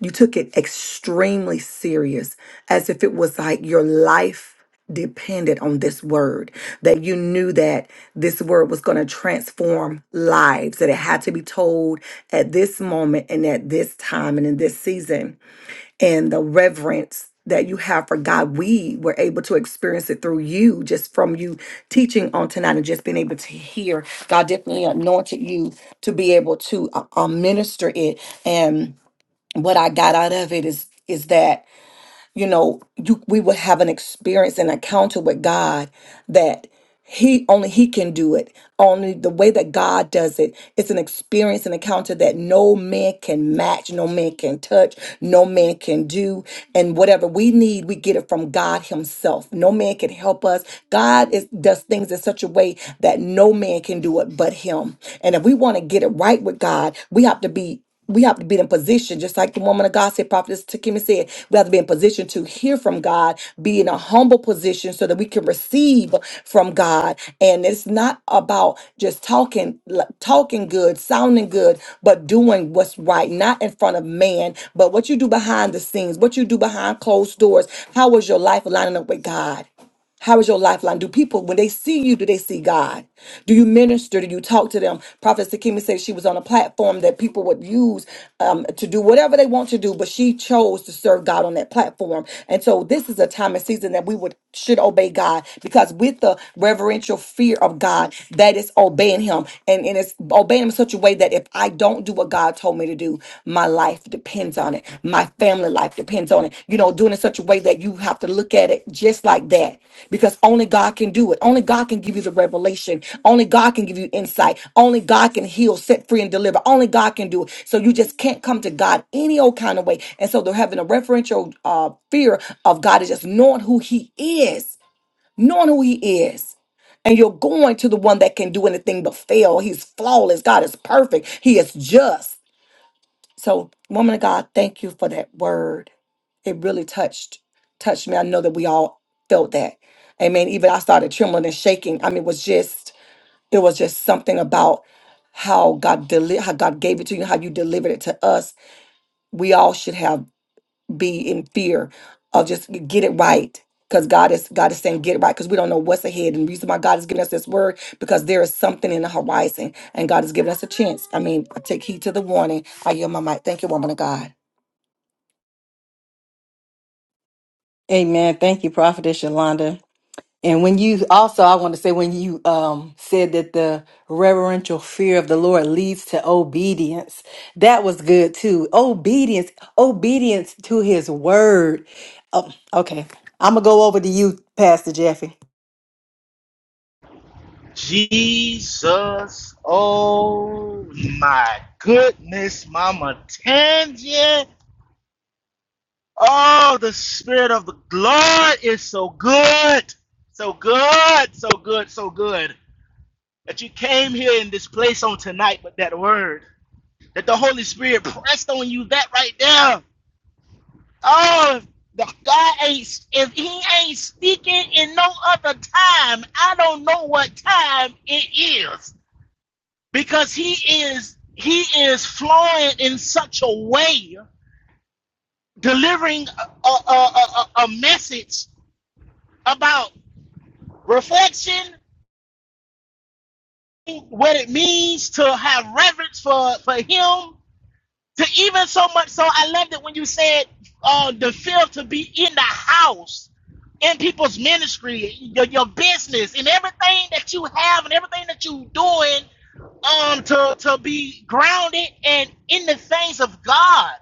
H: You took it extremely serious, as if it was like your life depended on this word, that you knew that this word was going to transform lives, that it had to be told at this moment and at this time and in this season. And the reverence that you have for God, we were able to experience it through you, just from you teaching on tonight and just being able to hear. God definitely anointed you to be able to uh, uh, minister it. And what I got out of it is is that you know you we would have an experience an encounter with God that he only he can do it only the way that God does it it's an experience an encounter that no man can match no man can touch no man can do and whatever we need we get it from God himself no man can help us God is does things in such a way that no man can do it but him and if we want to get it right with God we have to be we have to be in position, just like the woman of God said, Prophetess Takimi said, we have to be in position to hear from God, be in a humble position so that we can receive from God. And it's not about just talking, like, talking good, sounding good, but doing what's right, not in front of man, but what you do behind the scenes, what you do behind closed doors. How is your life lining up with God? How is your lifeline? Do people, when they see you, do they see God? Do you minister? Do you talk to them? Prophet Sakimi said she was on a platform that people would use um, to do whatever they want to do, but she chose to serve God on that platform. And so this is a time and season that we would should obey God because with the reverential fear of God, that is obeying Him. And, and it's obeying Him in such a way that if I don't do what God God told me to do. My life depends on it. My family life depends on it. You know, doing it such a way that you have to look at it just like that because only God can do it. Only God can give you the revelation. Only God can give you insight. Only God can heal, set free, and deliver. Only God can do it. So you just can't come to God any old kind of way. And so they're having a referential uh, fear of God is just knowing who He is, knowing who He is and you're going to the one that can do anything but fail. He's flawless. God is perfect. He is just. So, woman of God, thank you for that word. It really touched touched me. I know that we all felt that. Amen. Even I started trembling and shaking. I mean, it was just it was just something about how God deli- how God gave it to you, how you delivered it to us. We all should have be in fear of just get it right because god is god is saying get it right because we don't know what's ahead and the reason why god is giving us this word because there is something in the horizon and god has given us a chance i mean I take heed to the warning i yield my mic thank you woman of god
A: Amen. Thank you, Prophetess Yolanda. And when you also, I want to say, when you um, said that the reverential fear of the Lord leads to obedience, that was good too. Obedience, obedience to his word. Oh, okay. I'm going to go over to you, Pastor Jeffy.
G: Jesus. Oh, my goodness, Mama Tangia. Oh, the Spirit of the Lord is so good. So good, so good, so good. That you came here in this place on tonight with that word. That the Holy Spirit pressed on you that right there Oh, the God ain't if He ain't speaking in no other time. I don't know what time it is because He is He is flowing in such a way, delivering a a, a, a, a message about reflection, what it means to have reverence for for Him, To even so much so, I loved it when you said uh, the feel to be in the house, in people's ministry, your, your business, and everything that you have and everything that you are doing, um, to to be grounded and in the things of God.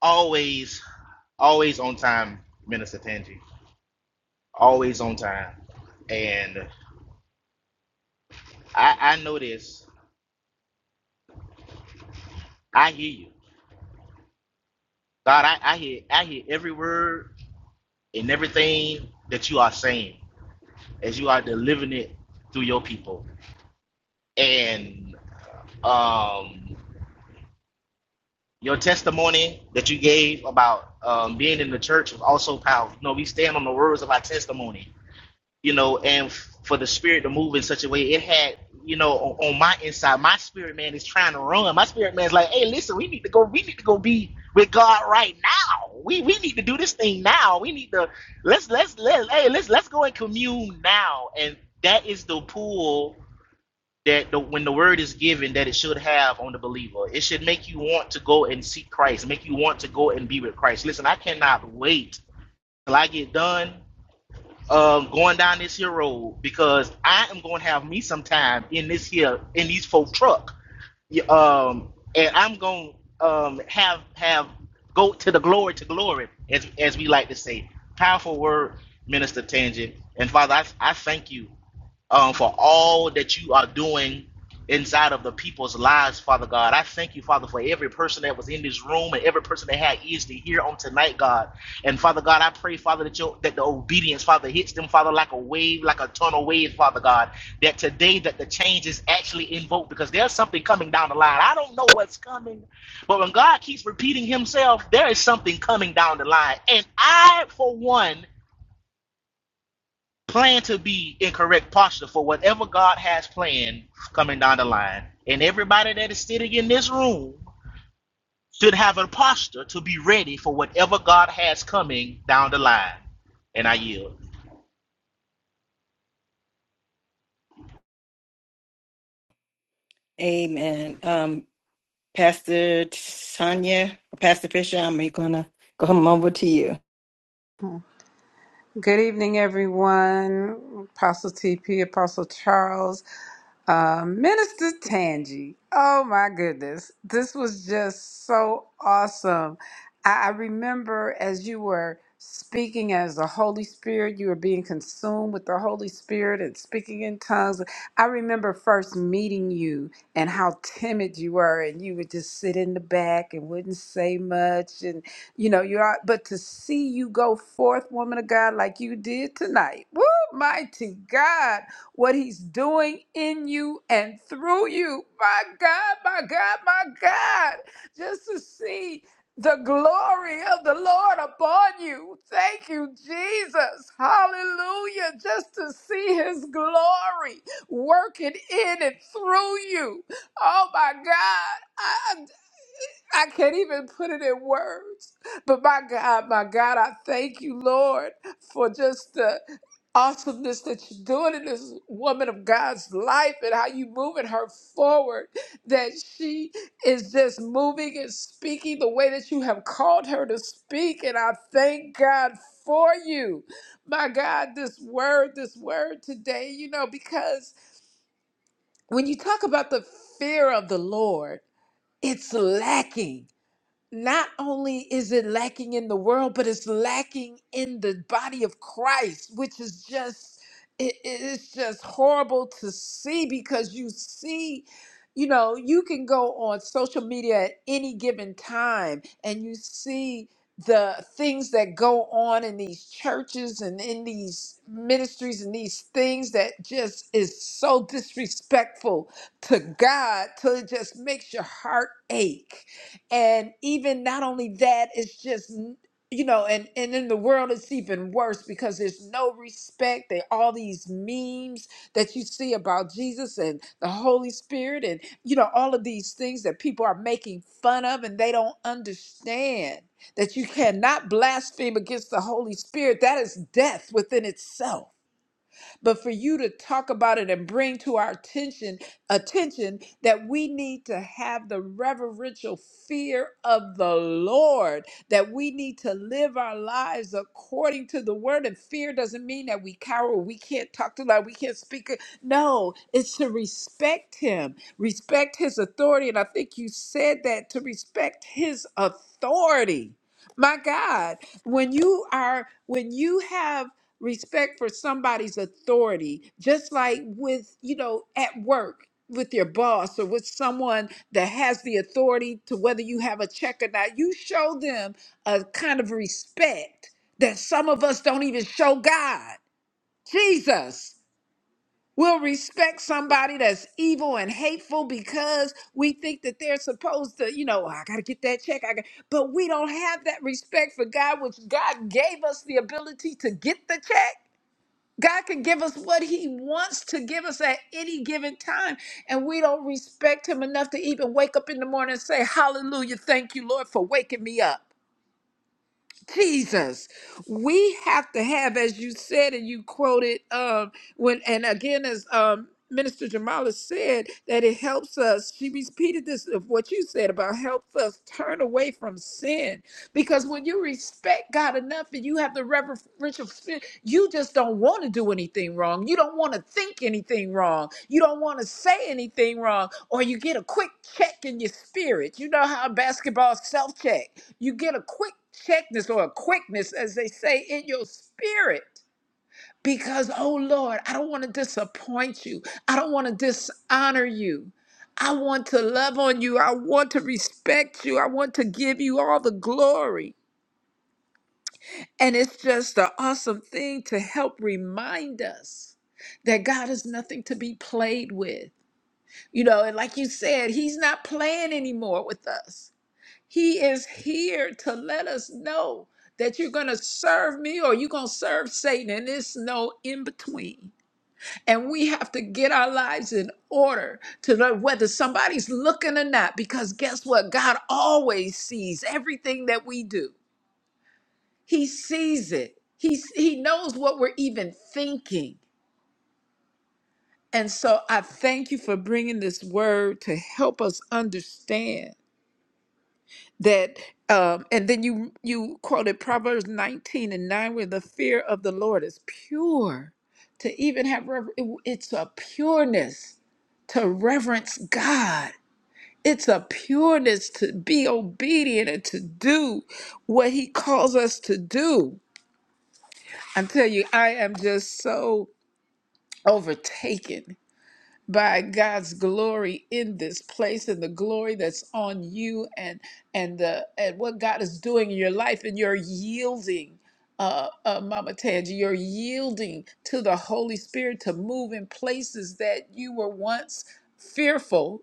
G: Always, always on time, Minister Tangi. Always on time, and I I know this. I hear you, God. I I hear I hear every word and everything that you are saying. as you are delivering it through your people. And um, your testimony that you gave about um, being in the church was also powerful. You know, we stand on the words of our testimony, you know, and f- for the spirit to move in such a way, it had, you know, on, on my inside, my spirit man is trying to run. My spirit man is like, hey, listen, we need to go, we need to go be with God right now. We we need to do this thing now. We need to let's let's let us hey let's let's go and commune now. And that is the pull that the, when the word is given that it should have on the believer it should make you want to go and seek christ make you want to go and be with christ listen i cannot wait till i get done um, going down this here road because i am going to have me some time in this here in these folk truck Yeah, um, and i'm going to um, have have go to the glory to glory as, as we like to say powerful word minister tangent and father i, I thank you um, for all that you are doing inside of the people's lives, Father God. I thank you, Father, for every person that was in this room and every person that had ears to hear on tonight, God. And Father God, I pray, Father, that your that the obedience, Father, hits them, Father, like a wave, like a tunnel wave, Father God. That today that the change is actually invoked because there's something coming down the line. I don't know what's coming, but when God keeps repeating himself, there is something coming down the line. And I, for one, plan to be in correct posture for whatever God has planned coming down the line. And everybody that is sitting in this room should have a posture to be ready for whatever God has coming down the line. And I yield.
A: Amen. Um, Pastor Tanya, Pastor Fisher, I'm going to come over to you.
E: Good evening, everyone. Apostle TP, Apostle Charles. Uh, Minister Tangi, oh my goodness, this was just so awesome. I, I remember as you were speaking as the Holy Spirit, you were being consumed with the Holy Spirit and speaking in tongues. I remember first meeting you and how timid you were, and you would just sit in the back and wouldn't say much. And you know, you're out, but to see you go forth, woman of God, like you did tonight, woo, mighty God what He's doing in you and through you. My God, my God, my God. Just to see the glory of the Lord upon you. Thank you, Jesus. Hallelujah. Just to see His glory working in and through you. Oh, my God. I I can't even put it in words. But my God, my God, I thank you, Lord, for just the awesomeness that you're doing in this woman of God's life and how you moving her forward. That she is just moving and speaking the way that you have called her to speak. And I thank God for you. My God, this word, this word today, you know, because when you talk about the fear of the Lord, it's lacking not only is it lacking in the world, but it's lacking in the body of Christ, which is just it, it- it's just horrible to see because you see, you know, you can go on social media at any given time and you see the things that go on in these churches and in these ministries and these things that just is so disrespectful to God till it just makes your heart ache and even not only that it's just you know and and in the world it's even worse because there's no respect they all these memes that you see about jesus and the holy spirit and you know all of these things that people are making fun of and they don't understand that you cannot blaspheme against the holy spirit that is death within itself but for you to talk about it and bring to our attention attention that we need to have the reverential fear of the Lord, that we need to live our lives according to the word. And fear doesn't mean that we cower, we can't talk to God, we can't speak. No, it's to respect Him, respect His authority. And I think you said that to respect His authority. My God, when you are, when you have respect for somebody's authority, just like with, you know, at work with your boss or with someone that has the authority to whether you have a check or not, you show them a kind of respect that some of us don't even show God. Jesus will respect somebody that's evil and hateful because we think that they're supposed to, you know, "Oh, I got to get that check. I got, but we don't have that respect for God, which God gave us the ability to get the check God can give us what He wants to give us at any given time. And we don't respect Him enough to even wake up in the morning and say, Hallelujah, thank you, Lord, for waking me up. Jesus, we have to have, as you said and you quoted, um, when and again as um Minister Jamala said, that it helps us. She repeated this of what you said about helps us turn away from sin. Because when you respect God enough and you have the reverential spirit, you just don't want to do anything wrong. You don't want to think anything wrong. You don't want to say anything wrong. Or you get a quick check in your spirit. You know how basketball self check. You get a quick checkness or a quickness, as they say, in your spirit. Because, oh Lord, I don't want to disappoint you. I don't want to dishonor you. I want to love on you. I want to respect you. I want to give you all the glory. And it's just an awesome thing to help remind us that God is nothing to be played with. You know, and like you said, He's not playing anymore with us. He is here to let us know that you're going to serve me or you're going to serve Satan, and there's no in between. And we have to get our lives in order to know whether somebody's looking or not, because guess what? God always sees everything that we do, He sees it, He, he knows what we're even thinking. And so I thank you for bringing this word to help us understand. that um and then you you quoted proverbs 19 and 9 where the fear of the lord is pure to even have rever- it- it's a pureness to reverence god it's a pureness to be obedient and to do what he calls us to do i tell you i am just so overtaken by God's glory in this place and the glory that's on you and and the and what God is doing in your life and you're yielding uh, uh Mama Tangi, you're yielding to the Holy Spirit to move in places that you were once fearful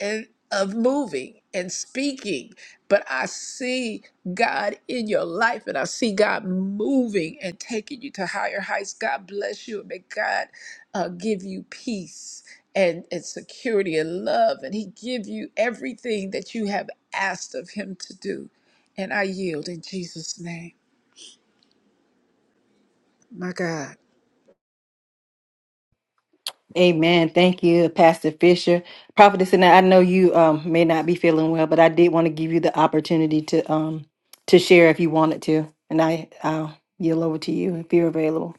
E: and of moving and speaking but i see god in your life and i see god moving and taking you to higher heights god bless you and may god uh, give you peace and, and security and love and he give you everything that you have asked of him to do and i yield in jesus name my god
A: Amen. Thank you, Pastor Fisher. Prophetess, and I know you um, may not be feeling well, but I did want to give you the opportunity to um, to share if you wanted to, and I I'll yield over to you if you're available.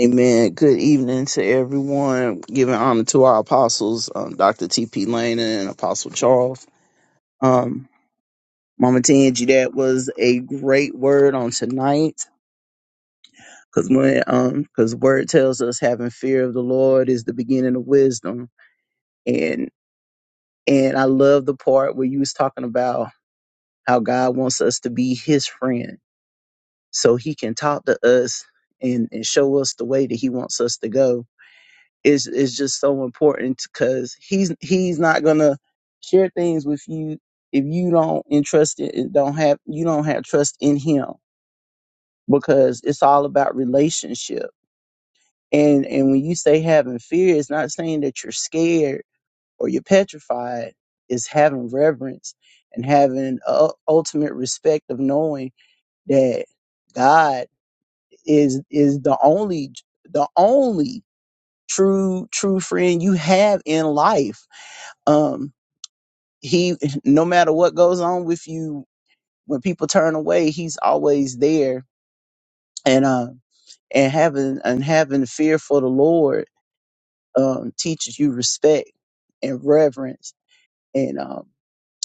D: Amen. Good evening to everyone. Giving honor to our apostles, um, Dr. T.P. Lane and Apostle Charles. Um, Mama Tangi, that was a great word on tonight. Cause when, um, cause word tells us having fear of the Lord is the beginning of wisdom. And, and I love the part where you was talking about how God wants us to be his friend so he can talk to us and, and show us the way that he wants us to go is is just so important because he's he's not gonna share things with you if you don't entrust it and don't have you don't have trust in him because it's all about relationship and and when you say having fear it's not saying that you're scared or you're petrified it's having reverence and having uh, ultimate respect of knowing that God. is is the only the only true true friend you have in life um he no matter what goes on with you when people turn away he's always there and uh and having and having fear for the lord um teaches you respect and reverence and um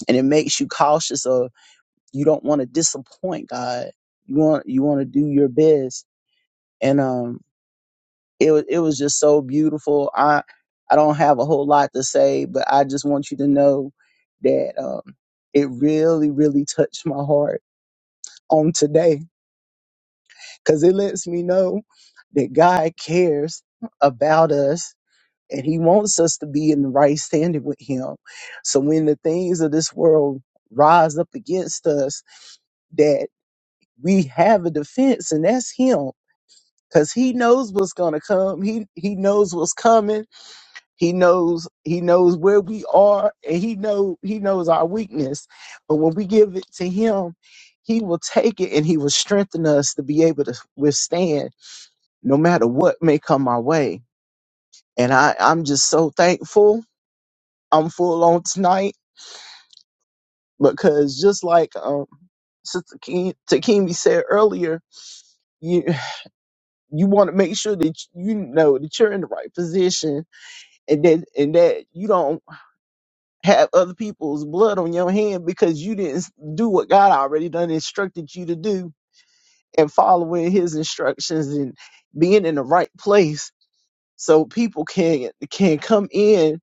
D: and it makes you cautious of you don't want to disappoint god you want you want to do your best and um it was it was just so beautiful. I I don't have a whole lot to say, but I just want you to know that um, it really really touched my heart on today because it lets me know that God cares about us and He wants us to be in the right standing with Him. So when the things of this world rise up against us, that we have a defense, and that's Him. Cause he knows what's gonna come. He he knows what's coming He knows he knows where we are and he know he knows our weakness. But when we give it to him, he will take it and he will strengthen us to be able to withstand no matter what may come our way. And I, I'm just so thankful. I'm full on tonight because just like um Sister Ke- Takimi said earlier, you you want to make sure that you know that you're in the right position and that and that you don't have other people's blood on your hand because you didn't s- do what God already done instructed you to do and following his instructions and being in the right place so people can can come in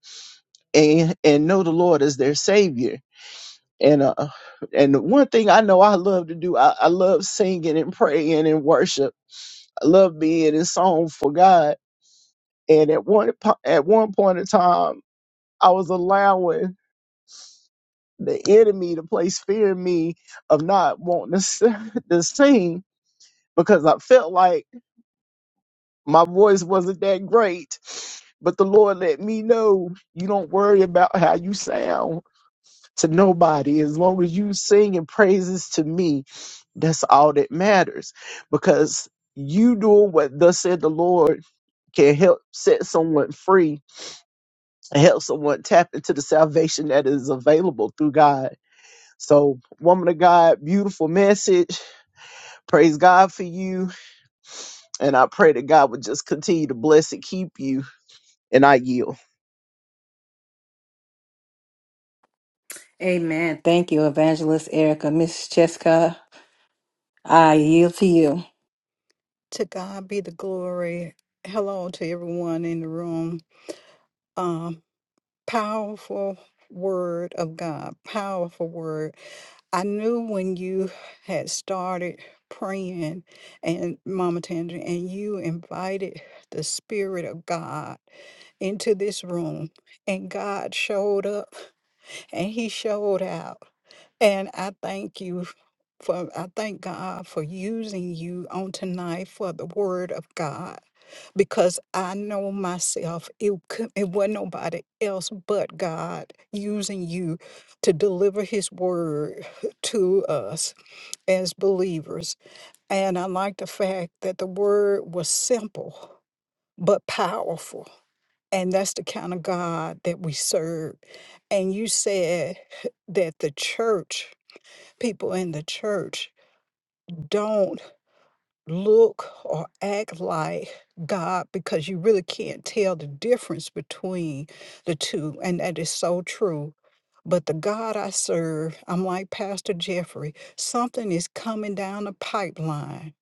D: and and know the Lord as their savior and uh and the one thing I know I love to do I, I love singing and praying and worship I love being in song for God and at one po- at one point in time I was allowing the enemy to place fear in me of not wanting to, s- *laughs* to sing because I felt like my voice wasn't that great. But the Lord let me know you don't worry about how you sound to nobody. As long as you sing and praises to me, that's all that matters. Because you doing what thus said the Lord can help set someone free and help someone tap into the salvation that is available through God So, woman of God, beautiful message. Praise God for you. And I pray that God would just continue to bless and keep you. And I yield.
A: Amen. Thank you, Evangelist Erica, Miss Jessica. I yield to you.
K: To God be the glory. Hello to everyone in the room. Um, powerful word of God, powerful word. I knew when you had started praying, and Mama Tandra, and you invited the Spirit of God into this room, and God showed up and He showed out. And I thank you for, I thank God for using you on tonight for the word of God because I know myself, it, could, it wasn't nobody else but God using you to deliver his word *laughs* to us as believers. And I like the fact that the word was simple but powerful. And that's the kind of God that we serve. And you said *laughs* that the church people in the church don't look or act like God because you really can't tell the difference between the two. And that is so true. But the God I serve, I'm like Pastor Jeffrey, something is coming down the pipeline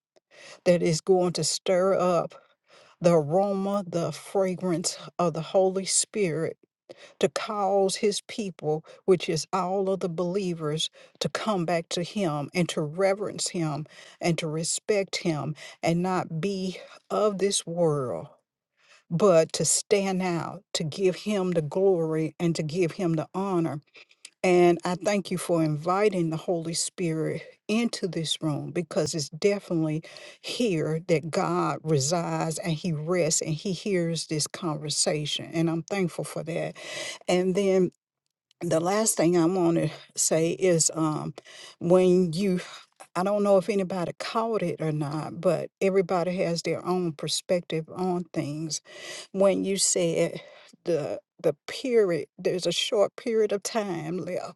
K: that is going to stir up the aroma, the fragrance of the Holy Spirit to cause his people, which is all of the believers, to come back to him and to reverence him and to respect him and not be of this world, but to stand out, to give him the glory and to give him the honor. And I thank you for inviting the Holy Spirit into this room because it's definitely here that God resides and he rests and he hears this conversation. And I'm thankful for that. And then the last thing I want to say is um, when you, I don't know if anybody caught it or not, but everybody has their own perspective on things. When you said the the period, there's a short period of time left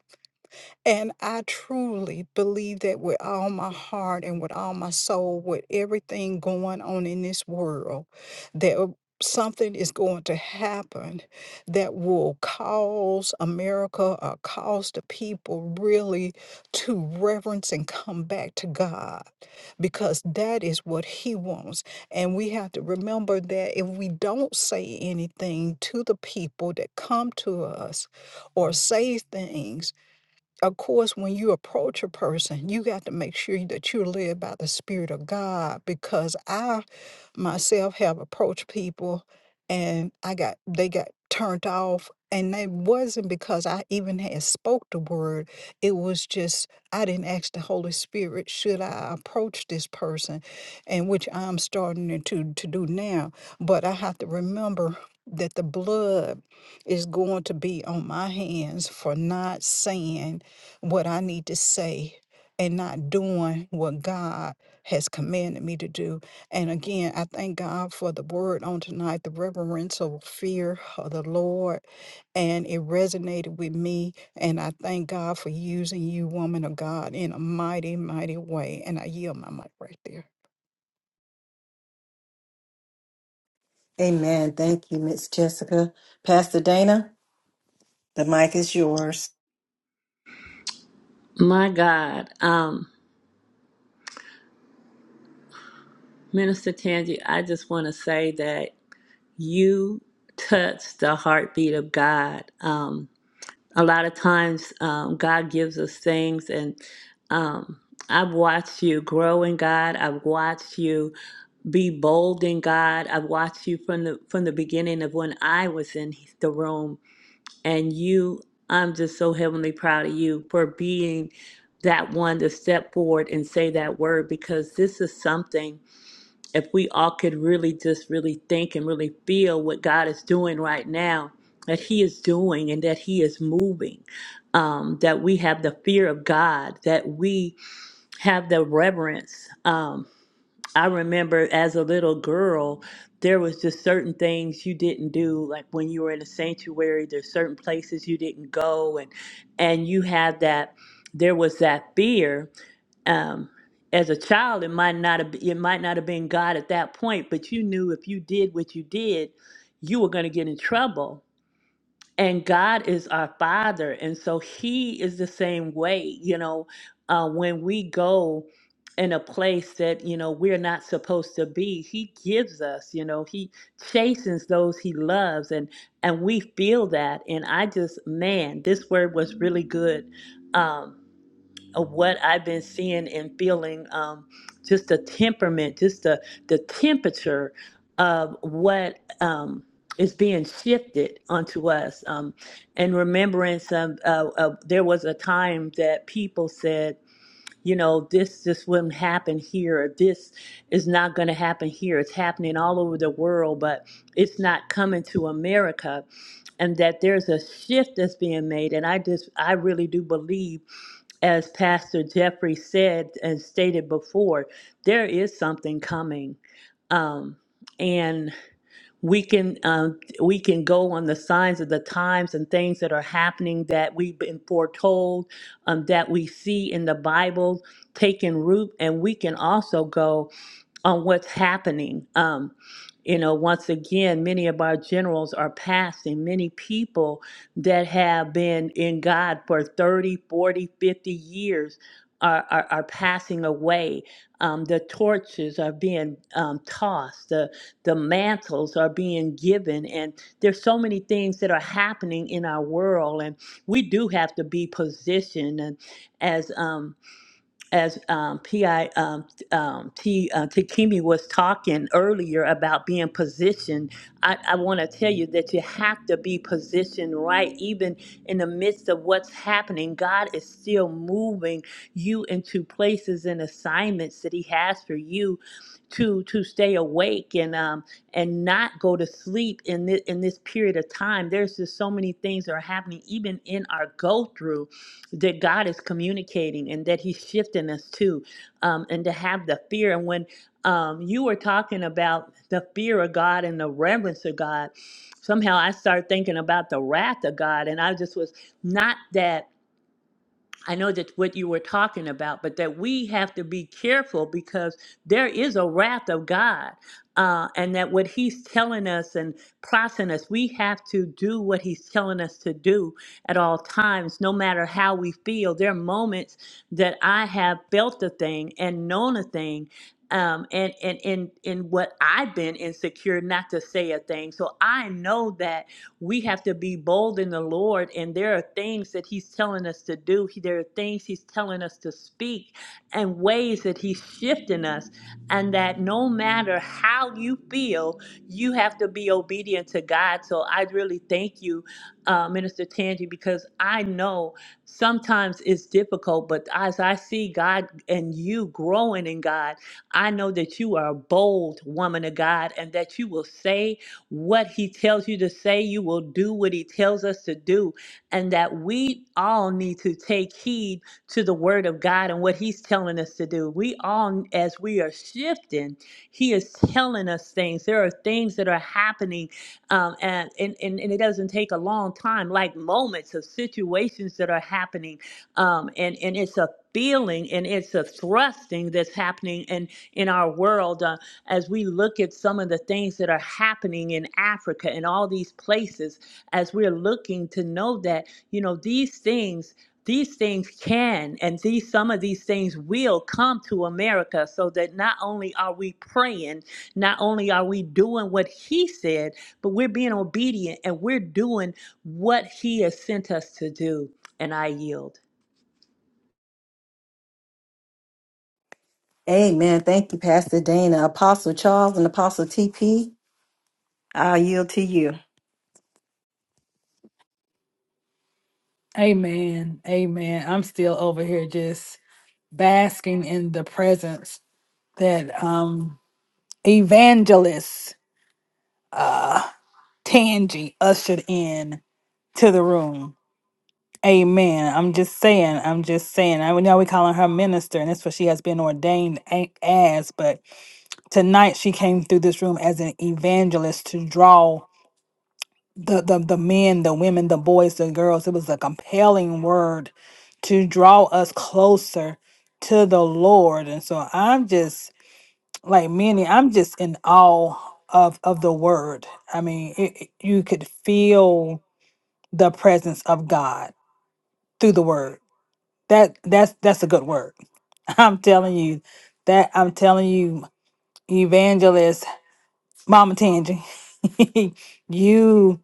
K: and I truly believe that with all my heart and with all my soul, with everything going on in this world, that w- something is going to happen that will cause America or cause the people really to reverence and come back to God because that is what He wants. And we have to remember that if we don't say anything to the people that come to us or say things, of course, when you approach a person, you got to make sure that you're led by the Spirit of God because I myself have approached people and I got they got turned off and it wasn't because I even had spoke the word. It was just I didn't ask the Holy Spirit, should I approach this person? And which I'm starting to to do now. But I have to remember that the blood is going to be on my hands for not saying what I need to say and not doing what God has commanded me to do. And again, I thank God for the word on tonight, the reverential fear of the Lord. And it resonated with me. And I thank God for using you, woman of God, in a mighty, mighty way. And I yield my mic right there.
A: Amen. Thank you, Miss Jessica. Pastor Dana, the mic is yours.
L: My God, um, Minister Tangi, I just want to say that you touch the heartbeat of God. Um, a lot of times, um, God gives us things, and um, I've watched you grow in God. I've watched you be bold in God. I've watched you from the from the beginning of when I was in the room, and you. I'm just so heavenly proud of you for being that one to step forward and say that word because this is something if we all could really just really think and really feel what God is doing right now, that He is doing and that He is moving, um, that we have the fear of God, that we have the reverence. Um, I remember as a little girl, there was just certain things you didn't do, like when you were in a sanctuary. There's certain places you didn't go, and and you had that. There was that fear, um, as a child, it might not have it might not have been God at that point, but you knew if you did what you did, you were going to get in trouble. And God is our Father, and so He is the same way. You know, uh, when we go in a place that you know we're not supposed to be, He gives us. You know, He chastens those He loves, and and we feel that. And I just, man, this word was really good Um, of what I've been seeing and feeling, um, just the temperament, just the the temperature of what um, is being shifted onto us, um, and remembrance of uh, of there was a time that people said, you know, this this wouldn't happen here, this is not going to happen here. It's happening all over the world, but it's not coming to America, and that there's a shift that's being made, and I just I really do believe as Pastor Jeffrey said and stated before, there is something coming, um, and we can um, we can go on the signs of the times and things that are happening that we've been foretold, um, that we see in the Bible taking root, and we can also go on what's happening. Um, you know, once again, many of our generals are passing, many people that have been in God for 30, 40, 50 years. Are, are, are passing away. Um, the torches are being um, tossed. The, the mantles are being given. And there's so many things that are happening in our world. And we do have to be positioned. And as um, as um, PI um, um, T uh, Takimi was talking earlier about being positioned, I, I want to tell you that you have to be positioned right, even in the midst of what's happening. God is still moving you into places and assignments that He has for you to to stay awake and um and not go to sleep in this in this period of time. There's just so many things that are happening, even in our go through that God is communicating and that He's shifting us to, um, and to have the fear. And when um, you were talking about the fear of God and the reverence of God, somehow I started thinking about the wrath of God, and I just was not that. I know that's what you were talking about, but that we have to be careful because there is a wrath of God. Uh, and that what he's telling us and prossing us, we have to do what he's telling us to do at all times, no matter how we feel. There are moments that I have felt a thing and known a thing. Um, and and in in what I've been insecure, not to say a thing. So I know that we have to be bold in the Lord. And there are things that He's telling us to do, He- there are things He's telling us to speak, and ways that He's shifting us. And that no matter how you feel, you have to be obedient to God. So I really thank you, uh, Minister Tangi, because I know sometimes it's difficult, but as I see God and you growing in God, I know that you are a bold woman of God and that you will say what he tells you to say, you will do what he tells us to do. And that we all need to take heed to the word of God and what he's telling us to do. We all, as we are shifting, he is telling us things. There are things that are happening, um, and, and, and, and it doesn't take a long time, like moments of situations that are happening. Um, and, and it's a feeling and it's a thrusting that's happening in, in our world. Uh, as we look at some of the things that are happening in Africa and all these places, as we're looking to know that, you know, these things. These things can and these some of these things will come to America so that not only are we praying, not only are we doing what he said, but we're being obedient and we're doing what he has sent us to do. And I yield.
A: Amen. Thank you, Pastor Dana, Apostle Charles, and Apostle TP. I yield to you.
C: Amen. Amen. I'm still over here just basking in the presence that um evangelist uh Tangi ushered in to the room. Amen. I'm just saying. I'm just saying. I know we calling her minister, and that's what she has been ordained a- as. But tonight she came through this room as an evangelist to draw the the, the men, the women, the boys, the girls. It was a compelling word to draw us closer to the Lord. And so I'm just like many. I'm just in awe of of the word. I mean, it, it- you could feel the presence of God through the word. That that's that's a good word. *laughs* I'm telling you that I'm telling you, evangelist Mama Tangy, *laughs* you.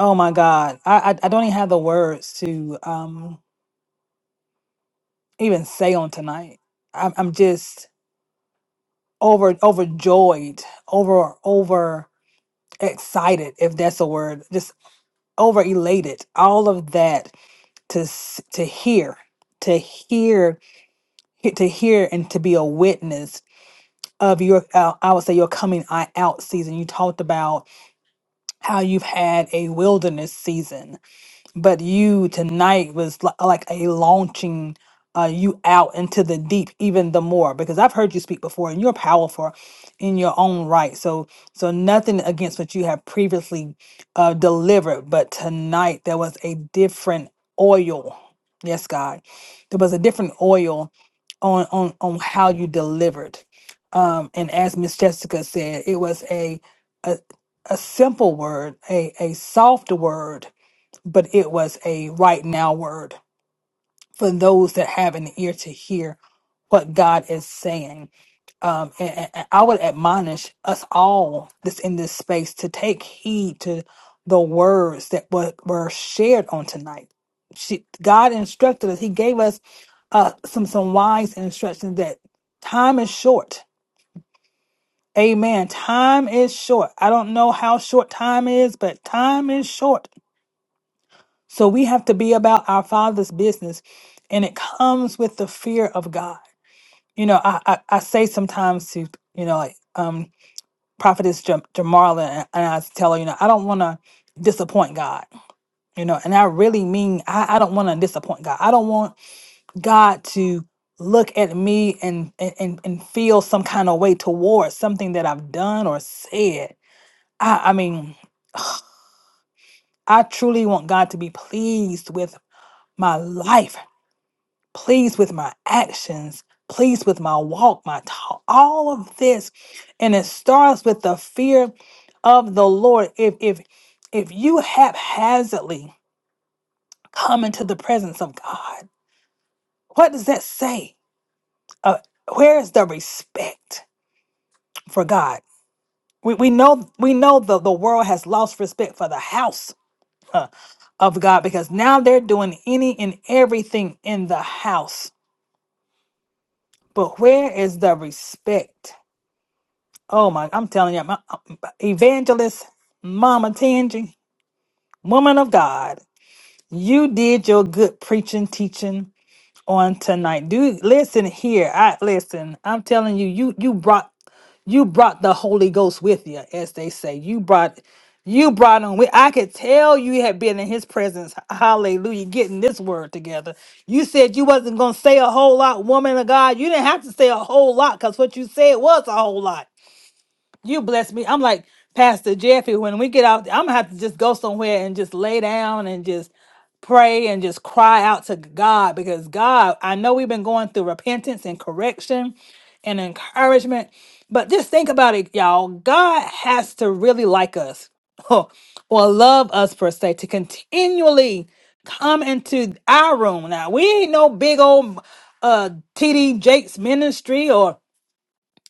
C: Oh my God, I, I I don't even have the words to um even say on tonight. I'm I'm just over overjoyed, over over excited if that's a word. Just over elated. All of that to s- to hear, to hear, to hear, and to be a witness of your uh, i would say your coming i- out season you talked about how you've had a wilderness season but you tonight was li- like a launching uh, you out into the deep even the more because i've heard you speak before and you're powerful in your own right so so nothing against what you have previously uh, delivered but tonight there was a different oil yes god there was a different oil on on on how you delivered um and as miss jessica said it was a a, a simple word a a soft word but it was a right now word for those that have an ear to hear what God is saying. Um, and, and- and I would admonish us all that's in this space to take heed to the words that were, were shared on tonight. She, God instructed us, He gave us uh, some, some wise instructions that time is short. Amen. Time is short. I don't know how short time is, but time is short So we have to be about our Father's business, and it comes with the fear of God. You know, I I, I say sometimes to you know like um prophetess Jam- Jamarla, and and I tell her, you know, I don't want to disappoint God. You know, and I really mean I, I don't want to disappoint God. I don't want God to look at me and and and and feel some kind of way towards something that I've done or said. I I mean, *sighs* I truly want God to be pleased with my life. pleased with my actions, pleased with my walk, my talk, all of this. And it starts with the fear of the Lord. If if if you haphazardly come into the presence of God, what does that say? Uh, where is the respect for God? We, we know we know the, the world has lost respect for the house of God because now they're doing any and everything in the house. But where is the respect? Oh my, I'm telling you, my, uh, evangelist, Mama Tangy, woman of God, you did your good preaching, teaching on tonight. Dude, listen here. I listen. I'm telling you, you you brought you brought the Holy Ghost with you, as they say. You brought you brought him with. I could tell you had been in his presence. Hallelujah, getting this word together. You said you wasn't gonna say a whole lot, woman of God. You didn't have to say a whole lot because what you said was a whole lot. You bless me. I'm like Pastor Jeffy. When we get out, I'm gonna have to just go somewhere and just lay down and just pray and just cry out to God because God, I know we've been going through repentance and correction and encouragement, but just think about it, y'all. God has to really like us *laughs* or love us per se to continually come into our room. Now we ain't no big old uh TD Jakes ministry or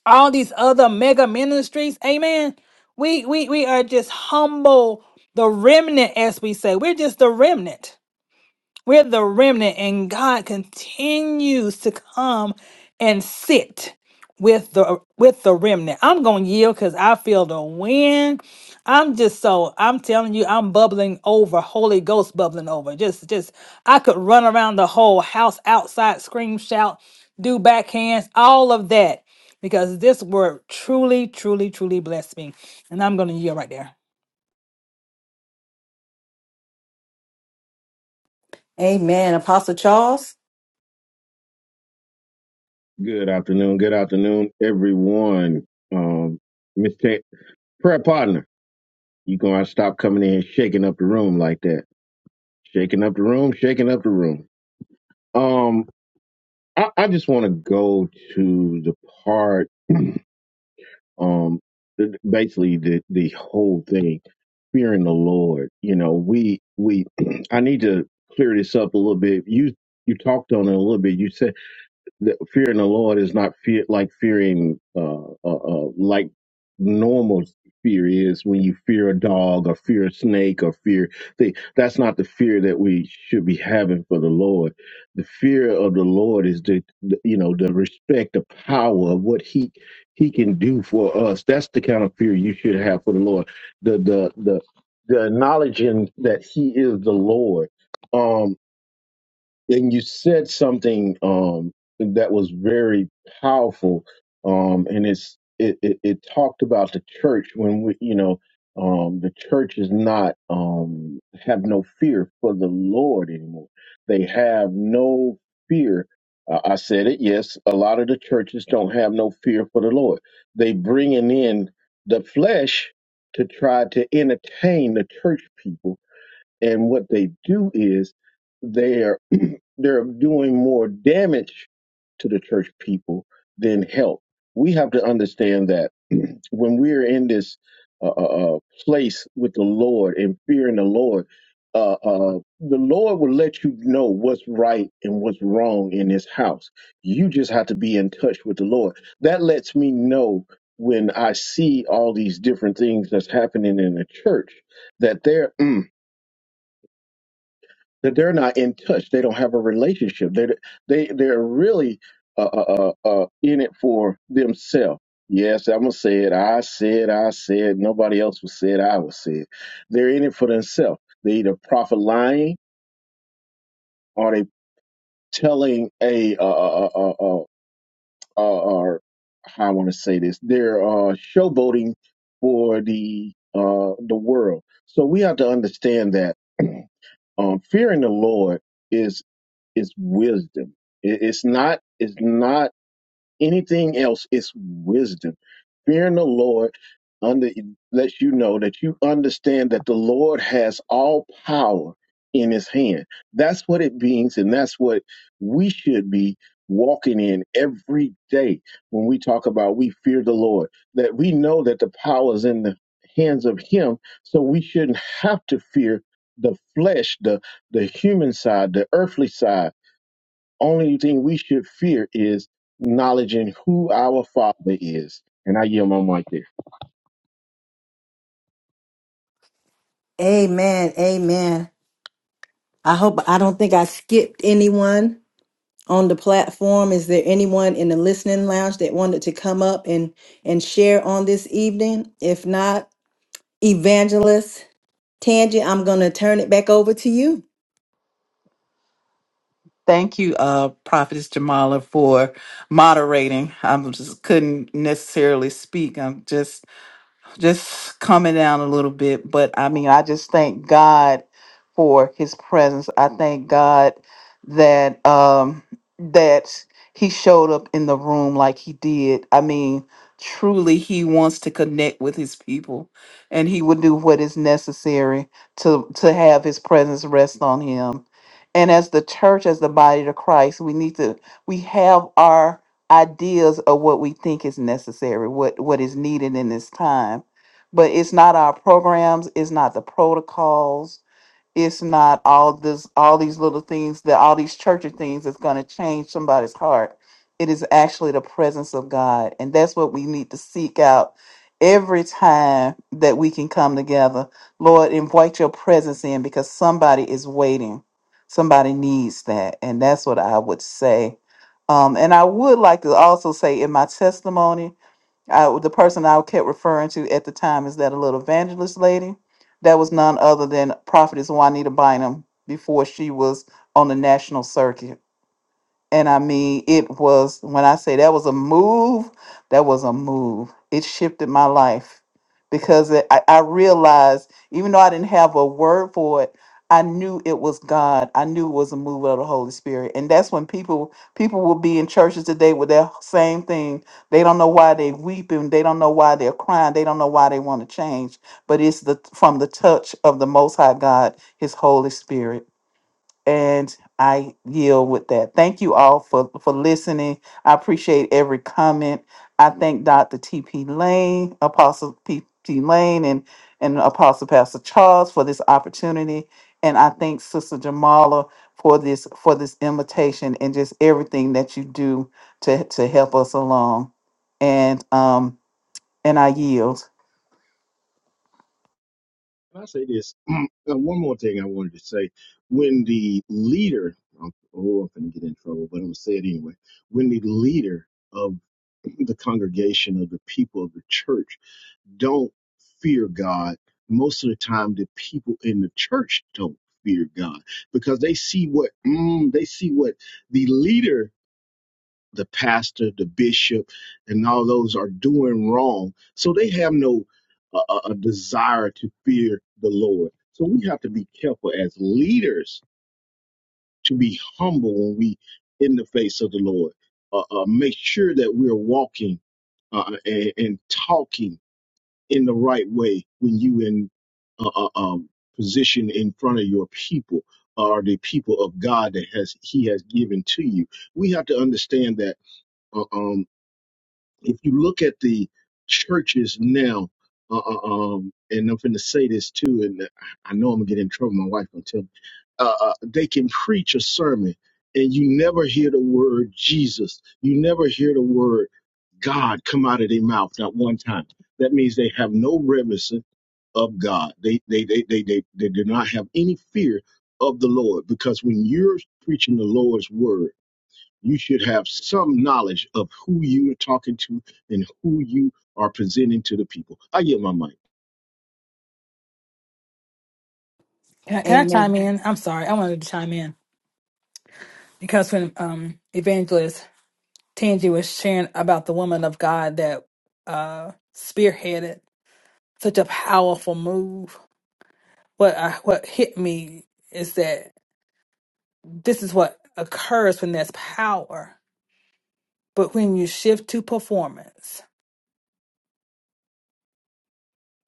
C: all these other mega ministries amen we we we are just humble the remnant as we say we're just the remnant we're the remnant, and God continues to come and sit with the with the remnant. I'm gonna yield because I feel the wind. I'm just so I'm telling you, I'm bubbling over, Holy Ghost bubbling over. Just just I could run around the whole house outside, scream, shout, do backhands, all of that. Because this word truly, truly, truly blessed me. And I'm gonna yield right there.
A: Amen. Apostle Charles.
M: Good afternoon. Good afternoon, everyone. Um, Mr. Prayer Partner, you gonna stop coming in shaking up the room like that. Shaking up the room, shaking up the room. Um, I, I just want to go to the part, um, the, basically the the whole thing, fearing the Lord. You know, we we *clears throat* I need to clear this up a little bit. You you talked on it a little bit. You said the fearing the Lord is not fear like fearing uh, uh, uh like normal fear is when you fear a dog or fear a snake or fear thing. That's not the fear that we should be having for the Lord. The fear of the Lord is the, the you know the respect, the power of what he he can do for us. That's the kind of fear you should have for the Lord. The the the the acknowledging that he is the Lord. Um, and you said something um, that was very powerful, um, and it's it, it, it talked about the church when we, you know, um, the church is not um, have no fear for the Lord anymore. They have no fear. Uh, I said it. Yes, a lot of the churches don't have no fear for the Lord. They bringing in the flesh to try to entertain the church people, and what they do is. they are they're doing more damage to the church people than help. We have to understand that *clears throat* when we're in this uh, uh, uh, place with the Lord and fearing the Lord, uh, uh, the Lord will let you know what's right and what's wrong in His house. You just have to be in touch with the Lord. That lets me know when I see all these different things that's happening in the church that there. *clears throat* that they're not in touch. They don't have a relationship. They they they're really uh, uh, uh, uh, in it for themselves. Yes, I'm gonna say it. I said, I said. Nobody else was said. I was said. They're in it for themselves. They either profit lying or they telling a uh, uh, uh, uh, uh, uh, or how I want to say this. They're uh, showboating for the uh, the world. So we have to understand that *clears throat* um, fearing the Lord. is. It's wisdom. It- It's not. It's not anything else. It's wisdom. Fearing the Lord under lets you know that you understand that the Lord has all power in His hand. That's what it means, and that's what we should be walking in every day when we talk about we fear the Lord. That we know that the power is in the hands of Him, so we shouldn't have to fear the flesh, the the human side, the earthly side only thing we should fear is acknowledging who our Father is. And I yield my mic there.
A: Amen. Amen. I hope I don't think I skipped anyone on the platform. Is there anyone in the listening lounge that wanted to come up and and share on this evening? If not, evangelist Tangi, I'm going to turn it back over to you.
B: Thank you, uh, Prophetess Jamala, for moderating. I just couldn't necessarily speak. I'm just just coming down a little bit, but I mean, I just thank God for his presence. I thank God that um that he showed up in the room like he did. I mean, truly he wants to connect with his people and he would do what is necessary to to have his presence rest on him. And as the church as the body of Christ, we need to we have our ideas of what we think is necessary, what what is needed in this time but it's not our programs it's not the protocols it's not all this all these little things that all these churchy things that's going to change somebody's heart it is actually the presence of god and that's what we need to seek out every time that we can come together lord invite your presence in because somebody is waiting somebody needs that and that's what i would say um, and i would like to also say in my testimony I, the person I kept referring to at the time is that a little evangelist lady. That was none other than Prophetess Juanita Bynum before she was on the national circuit. And I mean, it was when I say that was a move, that was a move. It shifted my life because it, I, I realized, even though I didn't have a word for it, I knew it was God. I knew it was a move of the Holy Spirit. And that's when people people will be in churches today with that same thing. They don't know why they weeping. They don't know why they're crying. They don't know why they want to change. But it's the from the touch of the Most High God, His Holy Spirit and I yield with that. Thank you all for for listening. I appreciate every comment. I thank Dr. T.P. Lane, Apostle T.P. Lane, and and Apostle Pastor Charles for this opportunity, and I thank Sister Jamala for this for this invitation and just everything that you do to to help us along. And um and I yield.
M: Can I say this? *clears throat* Uh, One more thing I wanted to say. When the leader, oh, I'm going to get in trouble, but I'm going to say it anyway. When the leader of the congregation of the people of the church don't fear God, most of the time the people in the church don't fear God because they see what mm, they see what the leader the pastor, the bishop, and all those are doing wrong. So they have no uh, uh, a desire to fear the Lord. So we have to be careful as leaders to be humble when we in the face of the Lord. Uh, uh, make sure that we're walking uh, uh, and, and talking in the right way when you in uh, uh, um, position in front of your people or the people of God that has He has given to you. We have to understand that. uh, Um, if you look at the churches now, uh, uh, um, and I'm finna say this too, and I know I'm gonna get in trouble. My wife gonna tell me uh, uh, they can preach a sermon, and you never hear the word Jesus. You never hear the word God come out of their mouth not one time. That means they have no reminiscence of God. They they they they they, they do not have any fear of the Lord because when you're preaching the Lord's word you should have some knowledge of who you are talking to and who you are presenting to the people. I get my mic.
C: Can I, can I chime in? I'm sorry, I wanted to chime in because when um evangelist Tangi was sharing about the woman of God that uh, spearheaded such a powerful move. What I, what hit me is that this is what occurs when there's power, but when you shift to performance,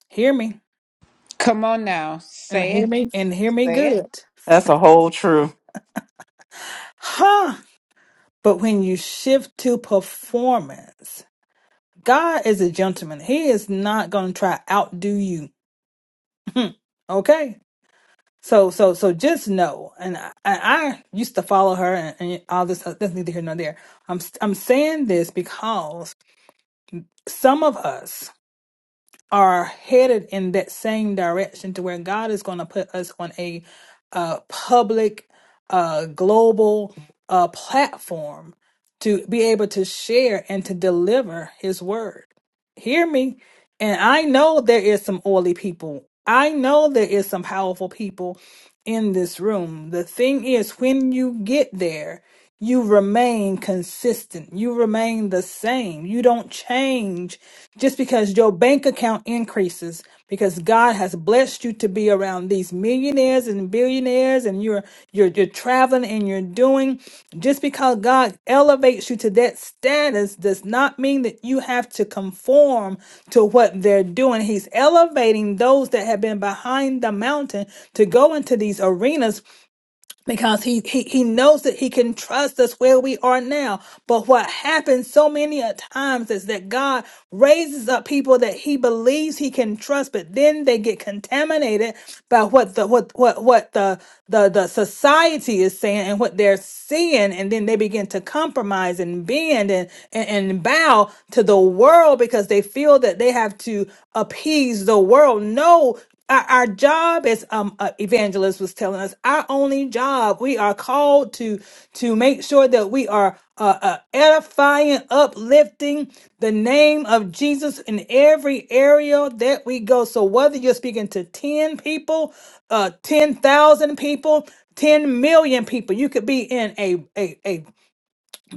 C: hear me
E: Come on now.
C: and
E: Say
C: hear
E: it.
C: me and hear me
E: Say it.
C: good,
B: That's a whole truth.
C: huh? But when you shift to performance, God is a gentleman. He is not going to try outdo you. *laughs* okay So so so just know, and I, I used to follow her and, and all this. stuff. That's neither here nor there. I'm I'm saying this because some of us are headed in that same direction to where God is going to put us on a uh, public, uh, global uh, platform to be able to share and to deliver His word. Hear me, and I know there is some oily people. I know there is some powerful people in this room. The thing is, when you get there, you remain consistent. You remain the same. You don't change just because your bank account increases because God has blessed you to be around these millionaires and billionaires affairs and you're you're you're traveling and you're doing just because God elevates you to that status does not mean that you have to conform to what they're doing. He's elevating those that have been behind the mountain to go into these arenas because he, he he knows that he can trust us where we are now but what happens so many a times is that god raises up people that he believes he can trust but then they get contaminated by what the what what what the the, the society is saying and what they're seeing and then they begin to compromise and bend and, and and bow to the world because they feel that they have to appease the world no our, our job as um uh, evangelist was telling us our only job we are called to to make sure that we are uh, uh, edifying uplifting the name of jesus in every area that we go so whether you're speaking to 10 people uh 10,000 people 10 million people you could be in a a, a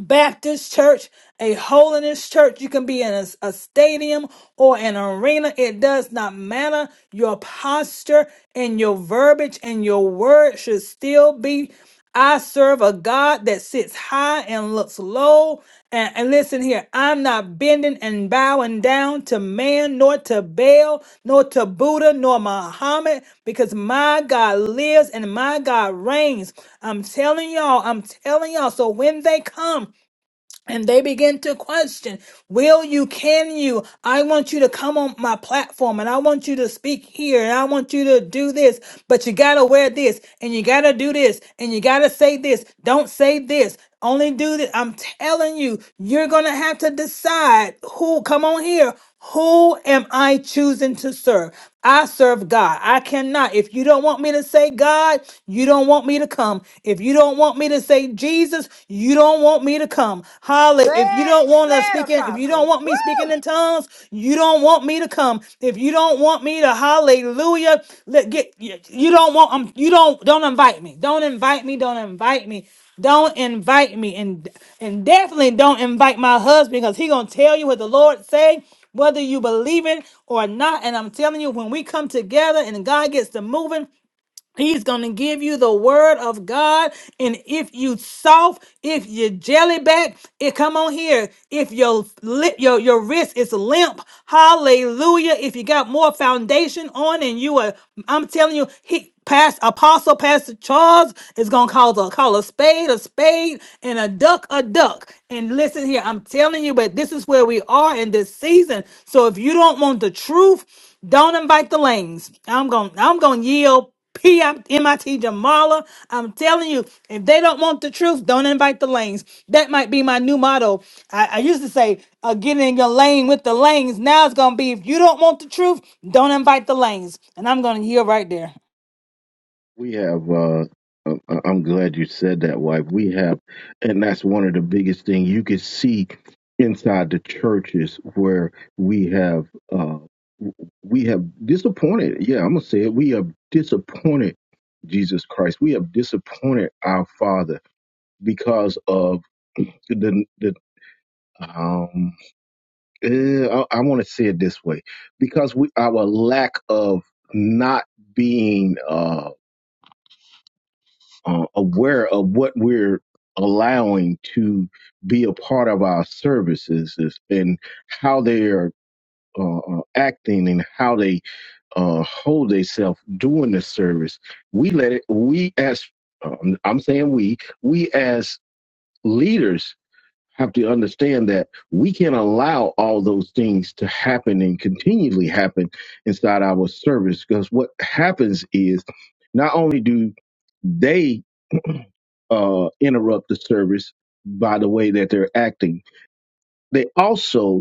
C: Baptist church, a holiness church. You can be in a, a stadium or an arena. It does not matter. Your posture and your verbiage and your word should still be I serve a God that sits high and looks low. And, and listen here, I'm not bending and bowing down to man, nor to Baal, nor to Buddha, nor Muhammad, because my God lives and my God reigns. I'm telling y'all, I'm telling y'all. So when they come, and they begin to question will you can you i want you to come on my platform and i want you to speak here and i want you to do this but you gotta wear this and you gotta do this and you gotta say this don't say this only do this i'm telling you you're gonna have to decide who come on here who am I choosing to serve? I serve God. I cannot. If you don't want me to say God, you don't want me to come. If you don't want me to say Jesus, you don't want me to come. Holly,
E: Say
C: if you
E: it,
C: don't
E: say
C: want to
E: it,
C: speak in, if you don't
E: apostle
C: want me speaking
E: Woo!
C: in tongues, you don't want me to come. If you don't want me to hallelujah, let get you you don't want um, you don't don't invite me. Don't invite me. Don't invite me. Don't invite me and and definitely don't invite my husband because he gonna tell you what the Lord say whether you believe it or not. And I'm telling you, when we come together and God gets to moving, He's going to give you the word of God. And if you soft, if you jelly back, it come on here. If your li- your your wrist is limp, hallelujah. If you got more foundation on and you are, I'm telling you, he past apostle, Pastor Charles is gonna call a call a spade, a spade, and a duck, a duck. And listen here, I'm telling you, but this is where we are in this season. So if you don't want the truth, don't invite the lanes. I'm gonna I'm gonna yield P. I'm MIT Jamala. I'm telling you, if they don't want the truth, don't invite the lanes. That might be my new motto. I, I used to say, uh, get in your lane with the lanes. Now it's going to be, if you don't want the truth, don't invite the lanes. And I'm going to yield right there.
M: We have. uh I- I- I'm glad you said that, wife. We have, and that's one of the biggest things you can see inside the churches where we have, uh we have disappointed. Yeah, I'm gonna say it. We have disappointed Jesus Christ. We have disappointed our Father because of the the. um. Uh, I, I want to say it this way because we our lack of not being uh, uh, aware of what we're allowing to be a part of our services is, and how they are uh, uh, acting and how they uh, hold themselves during the service. We let it. We as um, I'm saying we we as leaders have to understand that we can't allow all those things to happen and continually happen inside our service because what happens is not only do they uh, interrupt the service by the way that they're acting, they also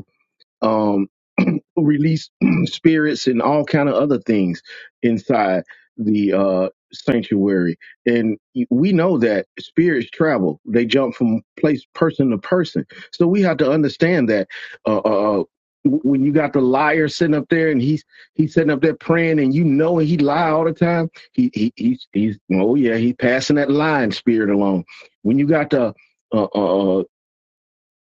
M: um, *clears throat* release *clears throat* spirits and all kind of other things inside the uh, sanctuary. And we know that spirits travel; they jump from place person to person. So we have to understand that uh, uh, when you got the liar sitting up there and he's he's sitting up there praying, and you know he lie all the time. He, he he's he's oh yeah, he's passing that lying spirit along. When you got the uh. uh, uh,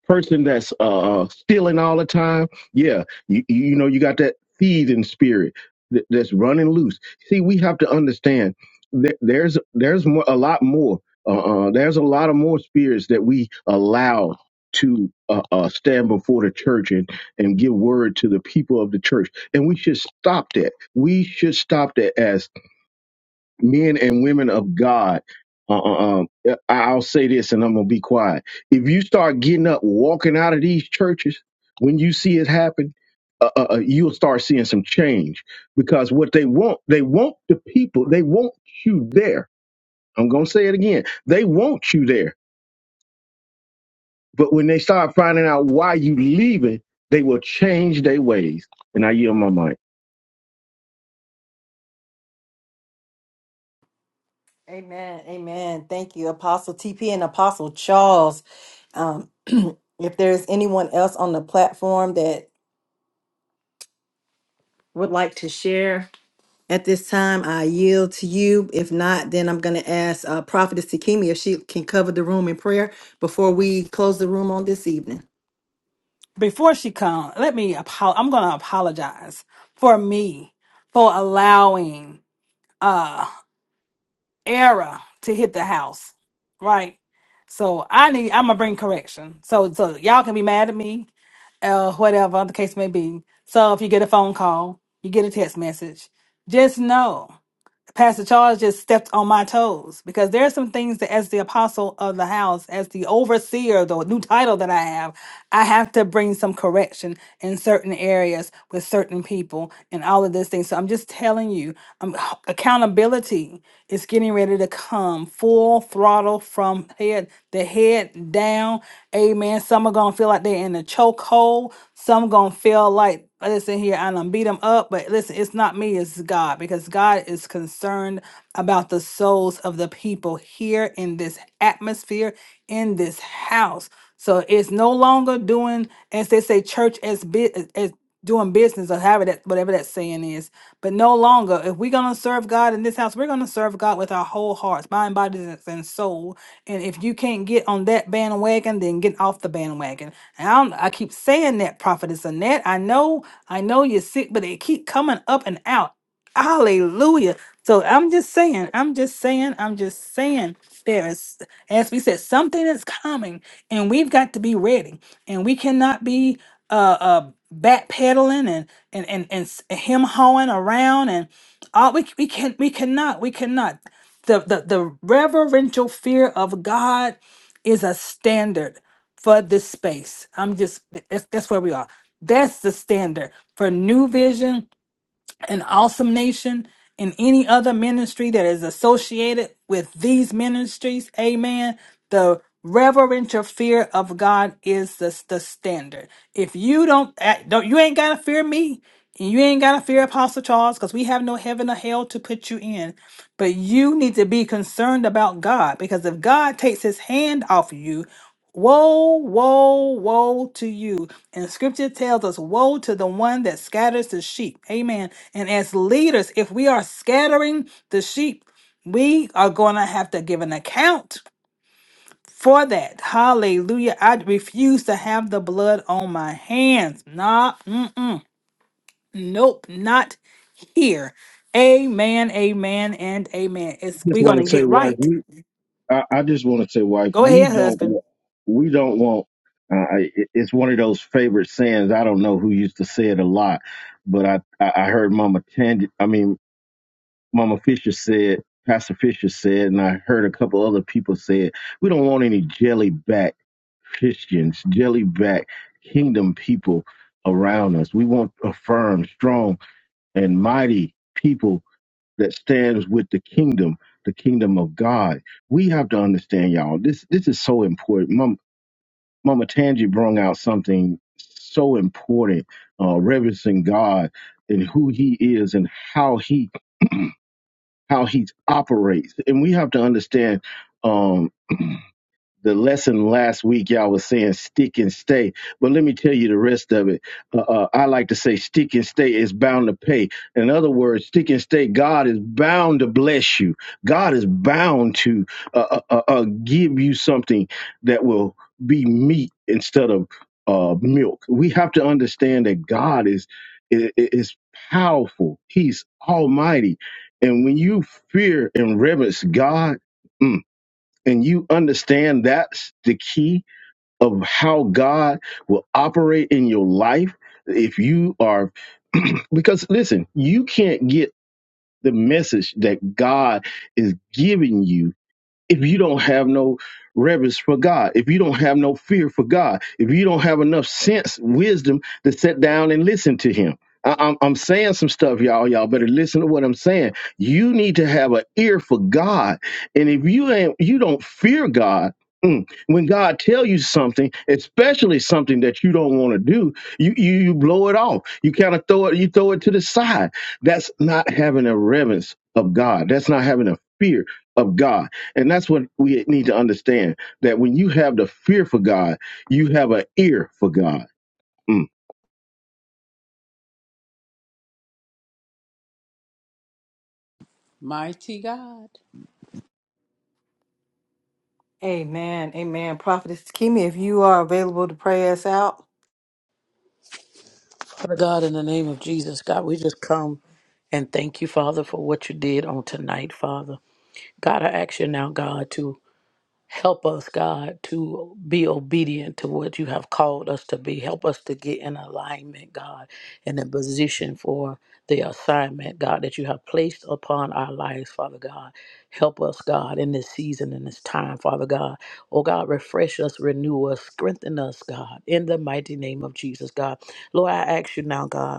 M: person that's uh uh, stealing all the time yeah you, you know you got that thieving spirit that, that's running loose see we have to understand that there's there's more a lot more uh, uh there's a lot of more spirits that we allow to uh, uh stand before the church and and give word to the people of the church and we should stop that we should stop that as men and women of God. Uh, uh, um, I- I'll say this, and I'm gonna be quiet. If you start getting up, walking out of these churches when you see it happen, uh, uh, uh, you'll start seeing some change because what they want, they want the people, they want you there. I'm gonna say it again. They want you there, but when they start finding out why you leaving, they will change their ways. And I yield my mind.
A: Amen. Amen. Thank you, Apostle TP and Apostle Charles. Um, *clears throat* if there's anyone else on the platform that would like to share, At this time, I yield to you. If not, then I'm going to ask uh, Prophetess Takemi if she can cover the room in prayer before we close the room on this evening.
C: Before she comes, let me, apo- I'm going to apologize for me for allowing uh error to hit the house, right? So I need, I'm going to bring correction. So, so y'all can be mad at me or whatever the case may be. So if you get a phone call, you get a text message, just know. Pastor Charles just stepped on my toes because there are some things that, as the apostle of the house, as the overseer, the new title that I have, I have to bring some correction in certain areas with certain people and all of this thing. So I'm just telling you, um, *sighs* accountability is getting ready to come full throttle from head the head down. Amen. Some are gonna feel like they're in a chokehold. Some gonna feel like listen here, I done beat them up, but listen, it's not me, it's God because God because God is concerned about the souls of the people here in this atmosphere, in this house. So it's no longer doing, as they say, church as bit as doing business or however that whatever that saying is. But no longer, if we're gonna serve God in this house, we're gonna serve God with our whole hearts, mind, bodies, and soul. And if you can't get on that bandwagon, then get off the bandwagon. And I, don't, I keep saying that, prophetess Annette. I know, I know you're sick, but it keep coming up and out. Hallelujah. So I'm just saying, I'm just saying, I'm just saying, there is, as we said, something is coming and we've got to be ready. And we cannot be uh, uh backpedaling and and and and s- him hawing around and all we we can we cannot we cannot the, the the reverential fear of God is a standard for this space. I'm just that's that's where we are. That's the standard for new vision an awesome nation and any other ministry that is associated with these ministries amen the reverential fear of god is the, the standard if you don't, act- don't you ain't gotta fear me and you ain't gotta fear apostle charles because we have no heaven or hell to put you in but you need to be concerned about god because if god takes his hand off of you Woe, woe, woe to you. And scripture tells us, Woe to the one that scatters the sheep. Amen. And as leaders, if we are scattering the sheep, we are going to have to give an account for that. Hallelujah. I refuse to have the blood on my hands. Nah, mm-mm. Nope, not here. Amen, amen, and amen. It's,
M: Just
C: we're going
M: want
C: to
M: to say,
C: get
M: why?
C: right.
M: I, I just want to say, wife,
C: Go
M: we
C: ahead,
M: don't
C: husband.
M: we don't want. Uh, I- it- it's one of those favorite sayings. I don't know who used to say it a lot, but I I I heard Mama Tandy. I mean, Mama Fisher said, Pastor Fisher said, and I heard a couple other people say it. We don't want any jelly back Christians, jelly back kingdom people around us. We want a firm, strong, and mighty people that stands with the kingdom, the kingdom of God. We have to understand, y'all. This this is so important. Mama, Mama Tangi brought out something so important, uh, reverencing God and who He is and how He how He operates. And we have to understand. um, the lesson last week y'all was saying stick and stay but let me tell you the rest of it uh, uh, i like to say stick and stay is bound to pay in other words stick and stay god is bound to bless you god is bound to uh, uh, uh, uh, give you something that will be meat instead of uh, milk we have to understand that god is i- i- is powerful he's almighty and when you fear and reverence god mm, and you understand that's the key of how God will operate in your life, if you are, *clears throat* because listen, you can't get the message that God is giving you if you don't have no reverence for God, if you don't have no fear for God, if you don't have enough sense, wisdom to sit down and listen to Him. I, I'm, I'm saying some stuff, y'all. Y'all better listen to what I'm saying. You need to have an ear for God, and if you ain't, you don't fear God. mm, When God tell you something, especially something that you don't want to do, you, you you blow it off. You kind of throw it, you throw it to the side. That's not having a reverence of God. That's not having a fear of God and that's what we need to understand that when you have the fear for God, you have an ear for God. Mm.
E: Mighty God.
A: Amen. Amen. Prophetess Takemi, if you are available to pray us out.
I: Father God, in the name of Jesus, God, we just come. And thank you, Father, for what you did on tonight, Father. God, I ask you now, God, to help us, God, to be obedient to what you have called us to be. Help us to get in alignment, God, and in position for the assignment, God, that you have placed upon our lives, Father God. Help us, God, in this season, in this time, Father God. Oh, God, refresh us, renew us, strengthen us, God, in the mighty name of Jesus, God. Lord, I ask you now, God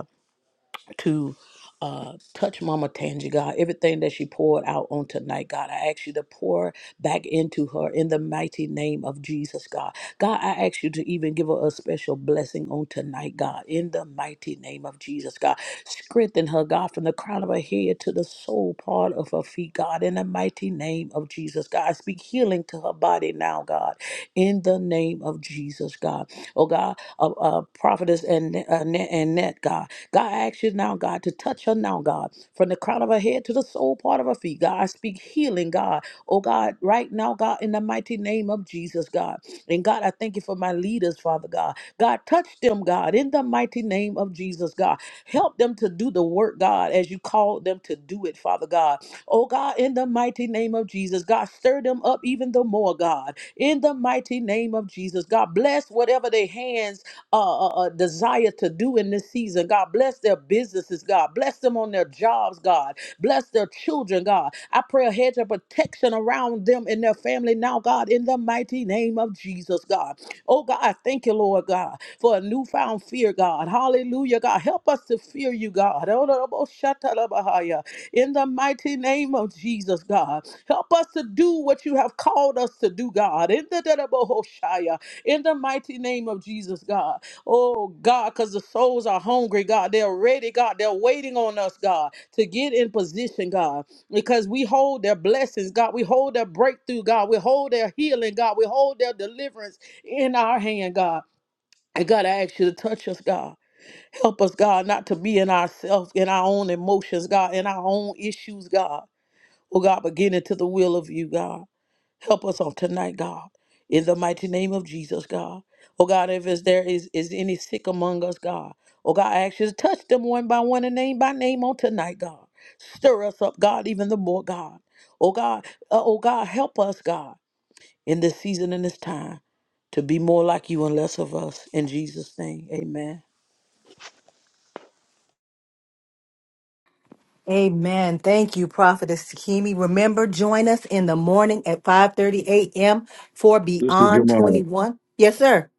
I: to uh, touch Mama Tangi, God. Everything that she poured out on tonight, God, I ask you to pour back into her in the mighty name of Jesus, God. God, I ask you to even give her a special blessing on tonight, God, in the mighty name of Jesus, God. Strengthen her, God, from the crown of her head to the sole part of her feet, God, in the mighty name of Jesus, God. I speak healing to her body now, God, in the name of Jesus, God. Oh, God, uh, uh, prophetess and, uh, and Annette, God. God, I ask you now, God, to touch her now, God, from the crown of her head to the sole part of her feet. God, I speak healing, God. Oh, God, right now, God, in the mighty name of Jesus, God. And God, I thank you for my leaders, Father God. God, touch them, God, in the mighty name of Jesus, God. Help them to do the work, God, as you called them to do it, Father God. Oh, God, in the mighty name of Jesus, God, stir them up even the more, God. In the mighty name of Jesus, God, bless whatever their hands uh, uh, uh, desire to do in this season. God, bless their businesses, God. Bless them on their jobs, God. Bless their children, God. I pray a hedge of protection around them and their family now, God, in the mighty name of Jesus, God. Oh, God, I thank you, Lord God, for a newfound fear, God. Hallelujah, God. Help us to fear you, God. In the mighty name of Jesus, God. Help us to do what you have called us to do, God. In the in the mighty name of Jesus, God. Oh God, because the souls are hungry, God. They're ready, God. They're waiting on us, God, to get in position, God. Because we hold their blessings, God. We hold their breakthrough, God. We hold their healing, God. We hold their deliverance in our hand, God. And God, I ask you to touch us, God. Help us, God, not to be in ourselves, in our own emotions, God, in our own issues, God. Oh God, but get into the will of you, God. Help us on tonight, God. In the mighty name of Jesus, God. Oh God, if is there is, is any sick among us, God. Oh God, I ask you to touch them one by one and name by name on tonight, God. Stir us up, God, even the more, God. Oh God, uh, oh God, help us, God, in this season and this time to be more like you and less of us. In Jesus' name, amen.
A: Amen. Thank you, Prophetess Takemi. Remember, join us in the morning at 5:30 a.m. for
M: Sister
A: Beyond
M: Jamal,
A: 21. Yes, sir.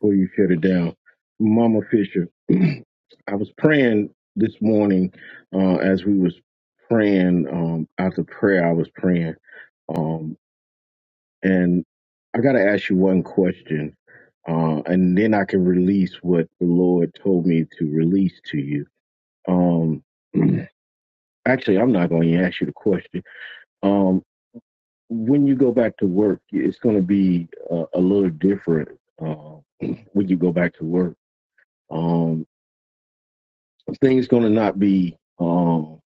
M: before you shut it down, Mama Fisher, *clears throat* I was praying this morning uh, as we was praying um, after prayer. I was praying, um, and I got to ask you one question, uh, and then I can release what the Lord told me to release to you. Um, *clears throat* actually, I'm not going to ask you the question. Um, when you go back to work, it's going to be uh, a little different uh, *clears throat* when you go back to work. Um, things going to not be. Um,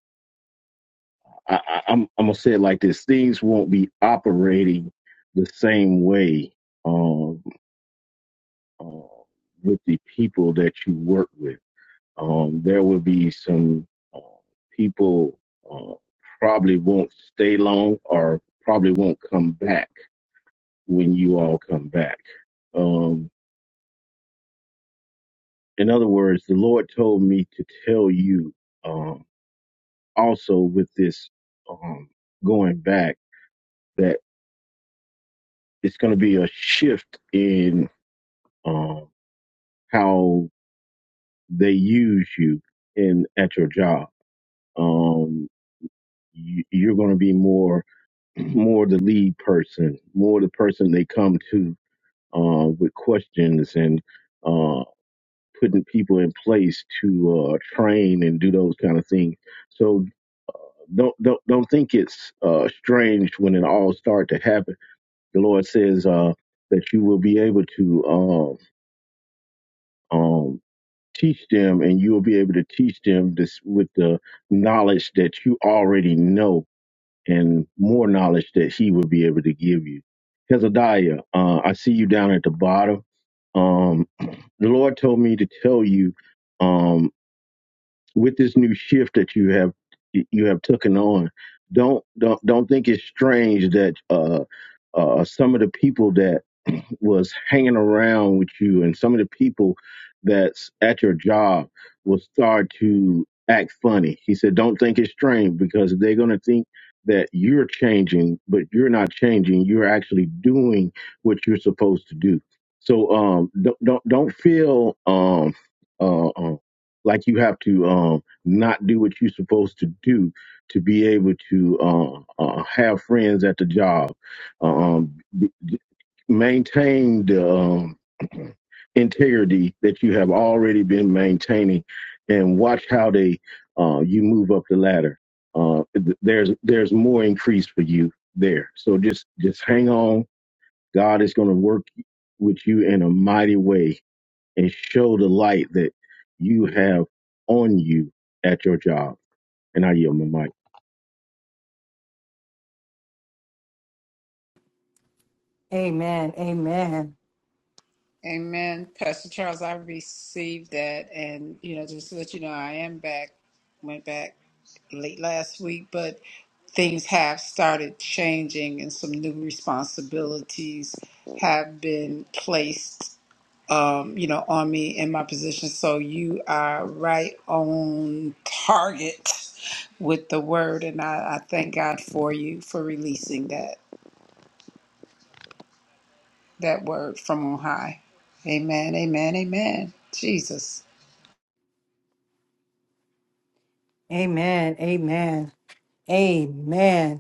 M: I, I, am I'm going to say it like this: things won't be operating the same way um, uh, with the people that you work with. Um, there will be some uh, people uh, probably won't stay long, or probably won't come back when you all come back. Um, In other words, the Lord told me to tell you um, also with this um, going back that it's going to be a shift in um, how they use you in at your job. Um, you, you're going to be more *clears throat* more the lead person, more the person they come to uh, with questions and uh, putting people in place to uh, train and do those kind of things. So. don't don't don't think it's uh, strange when it all start to happen. The Lord says uh, that you will be able to um, um, teach them, and you will be able to teach them this with the knowledge that you already know, and more knowledge that He will be able to give you. Hezekiah, uh, I see you down at the bottom. Um, the Lord told me to tell you. um, with this new shift that you have you have taken on don't don't don't think it's strange that uh uh some of the people that was hanging around with you and some of the people that's at your job will start to act funny. He said, Don't think it's strange because they're going to think that you're changing, but you're not changing. You're actually doing what you're supposed to do. So um, don't, don't, don't feel um, uh, uh, like you have to um, not do what you're supposed to do to be able to uh, uh, have friends at the job. Uh, Um, maintain the um, *clears throat* integrity that you have already been maintaining, and watch how they uh, you move up the ladder. Uh, th- there's there's more increase for you there. So just just hang on. God is going to work with you in a mighty way and show the light that you have on you at your job. And I yield my mic.
A: Amen. Amen.
E: Amen. Pastor Charles, I received that. And, you know, just to let you know, I am back, went back late last week, but things have started changing and some new responsibilities have been placed, um, you know, on me in my position. So you are right on target with the word. And I, I thank God for you for releasing that, that word from on high. Amen. Amen. Amen. Jesus.
A: Amen. Amen. Amen.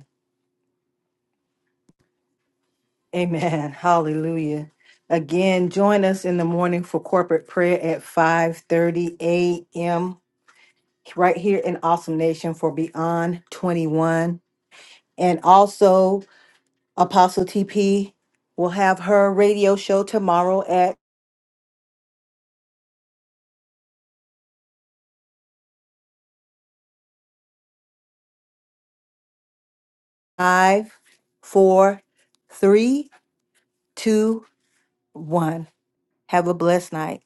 A: Amen. Hallelujah. Again, join us in the morning for corporate prayer at 5:30 a.m. right here in Awesome Nation for Beyond 21. And also Apostle TP will have her radio show tomorrow at five, four, three, two, one. Have a blessed night.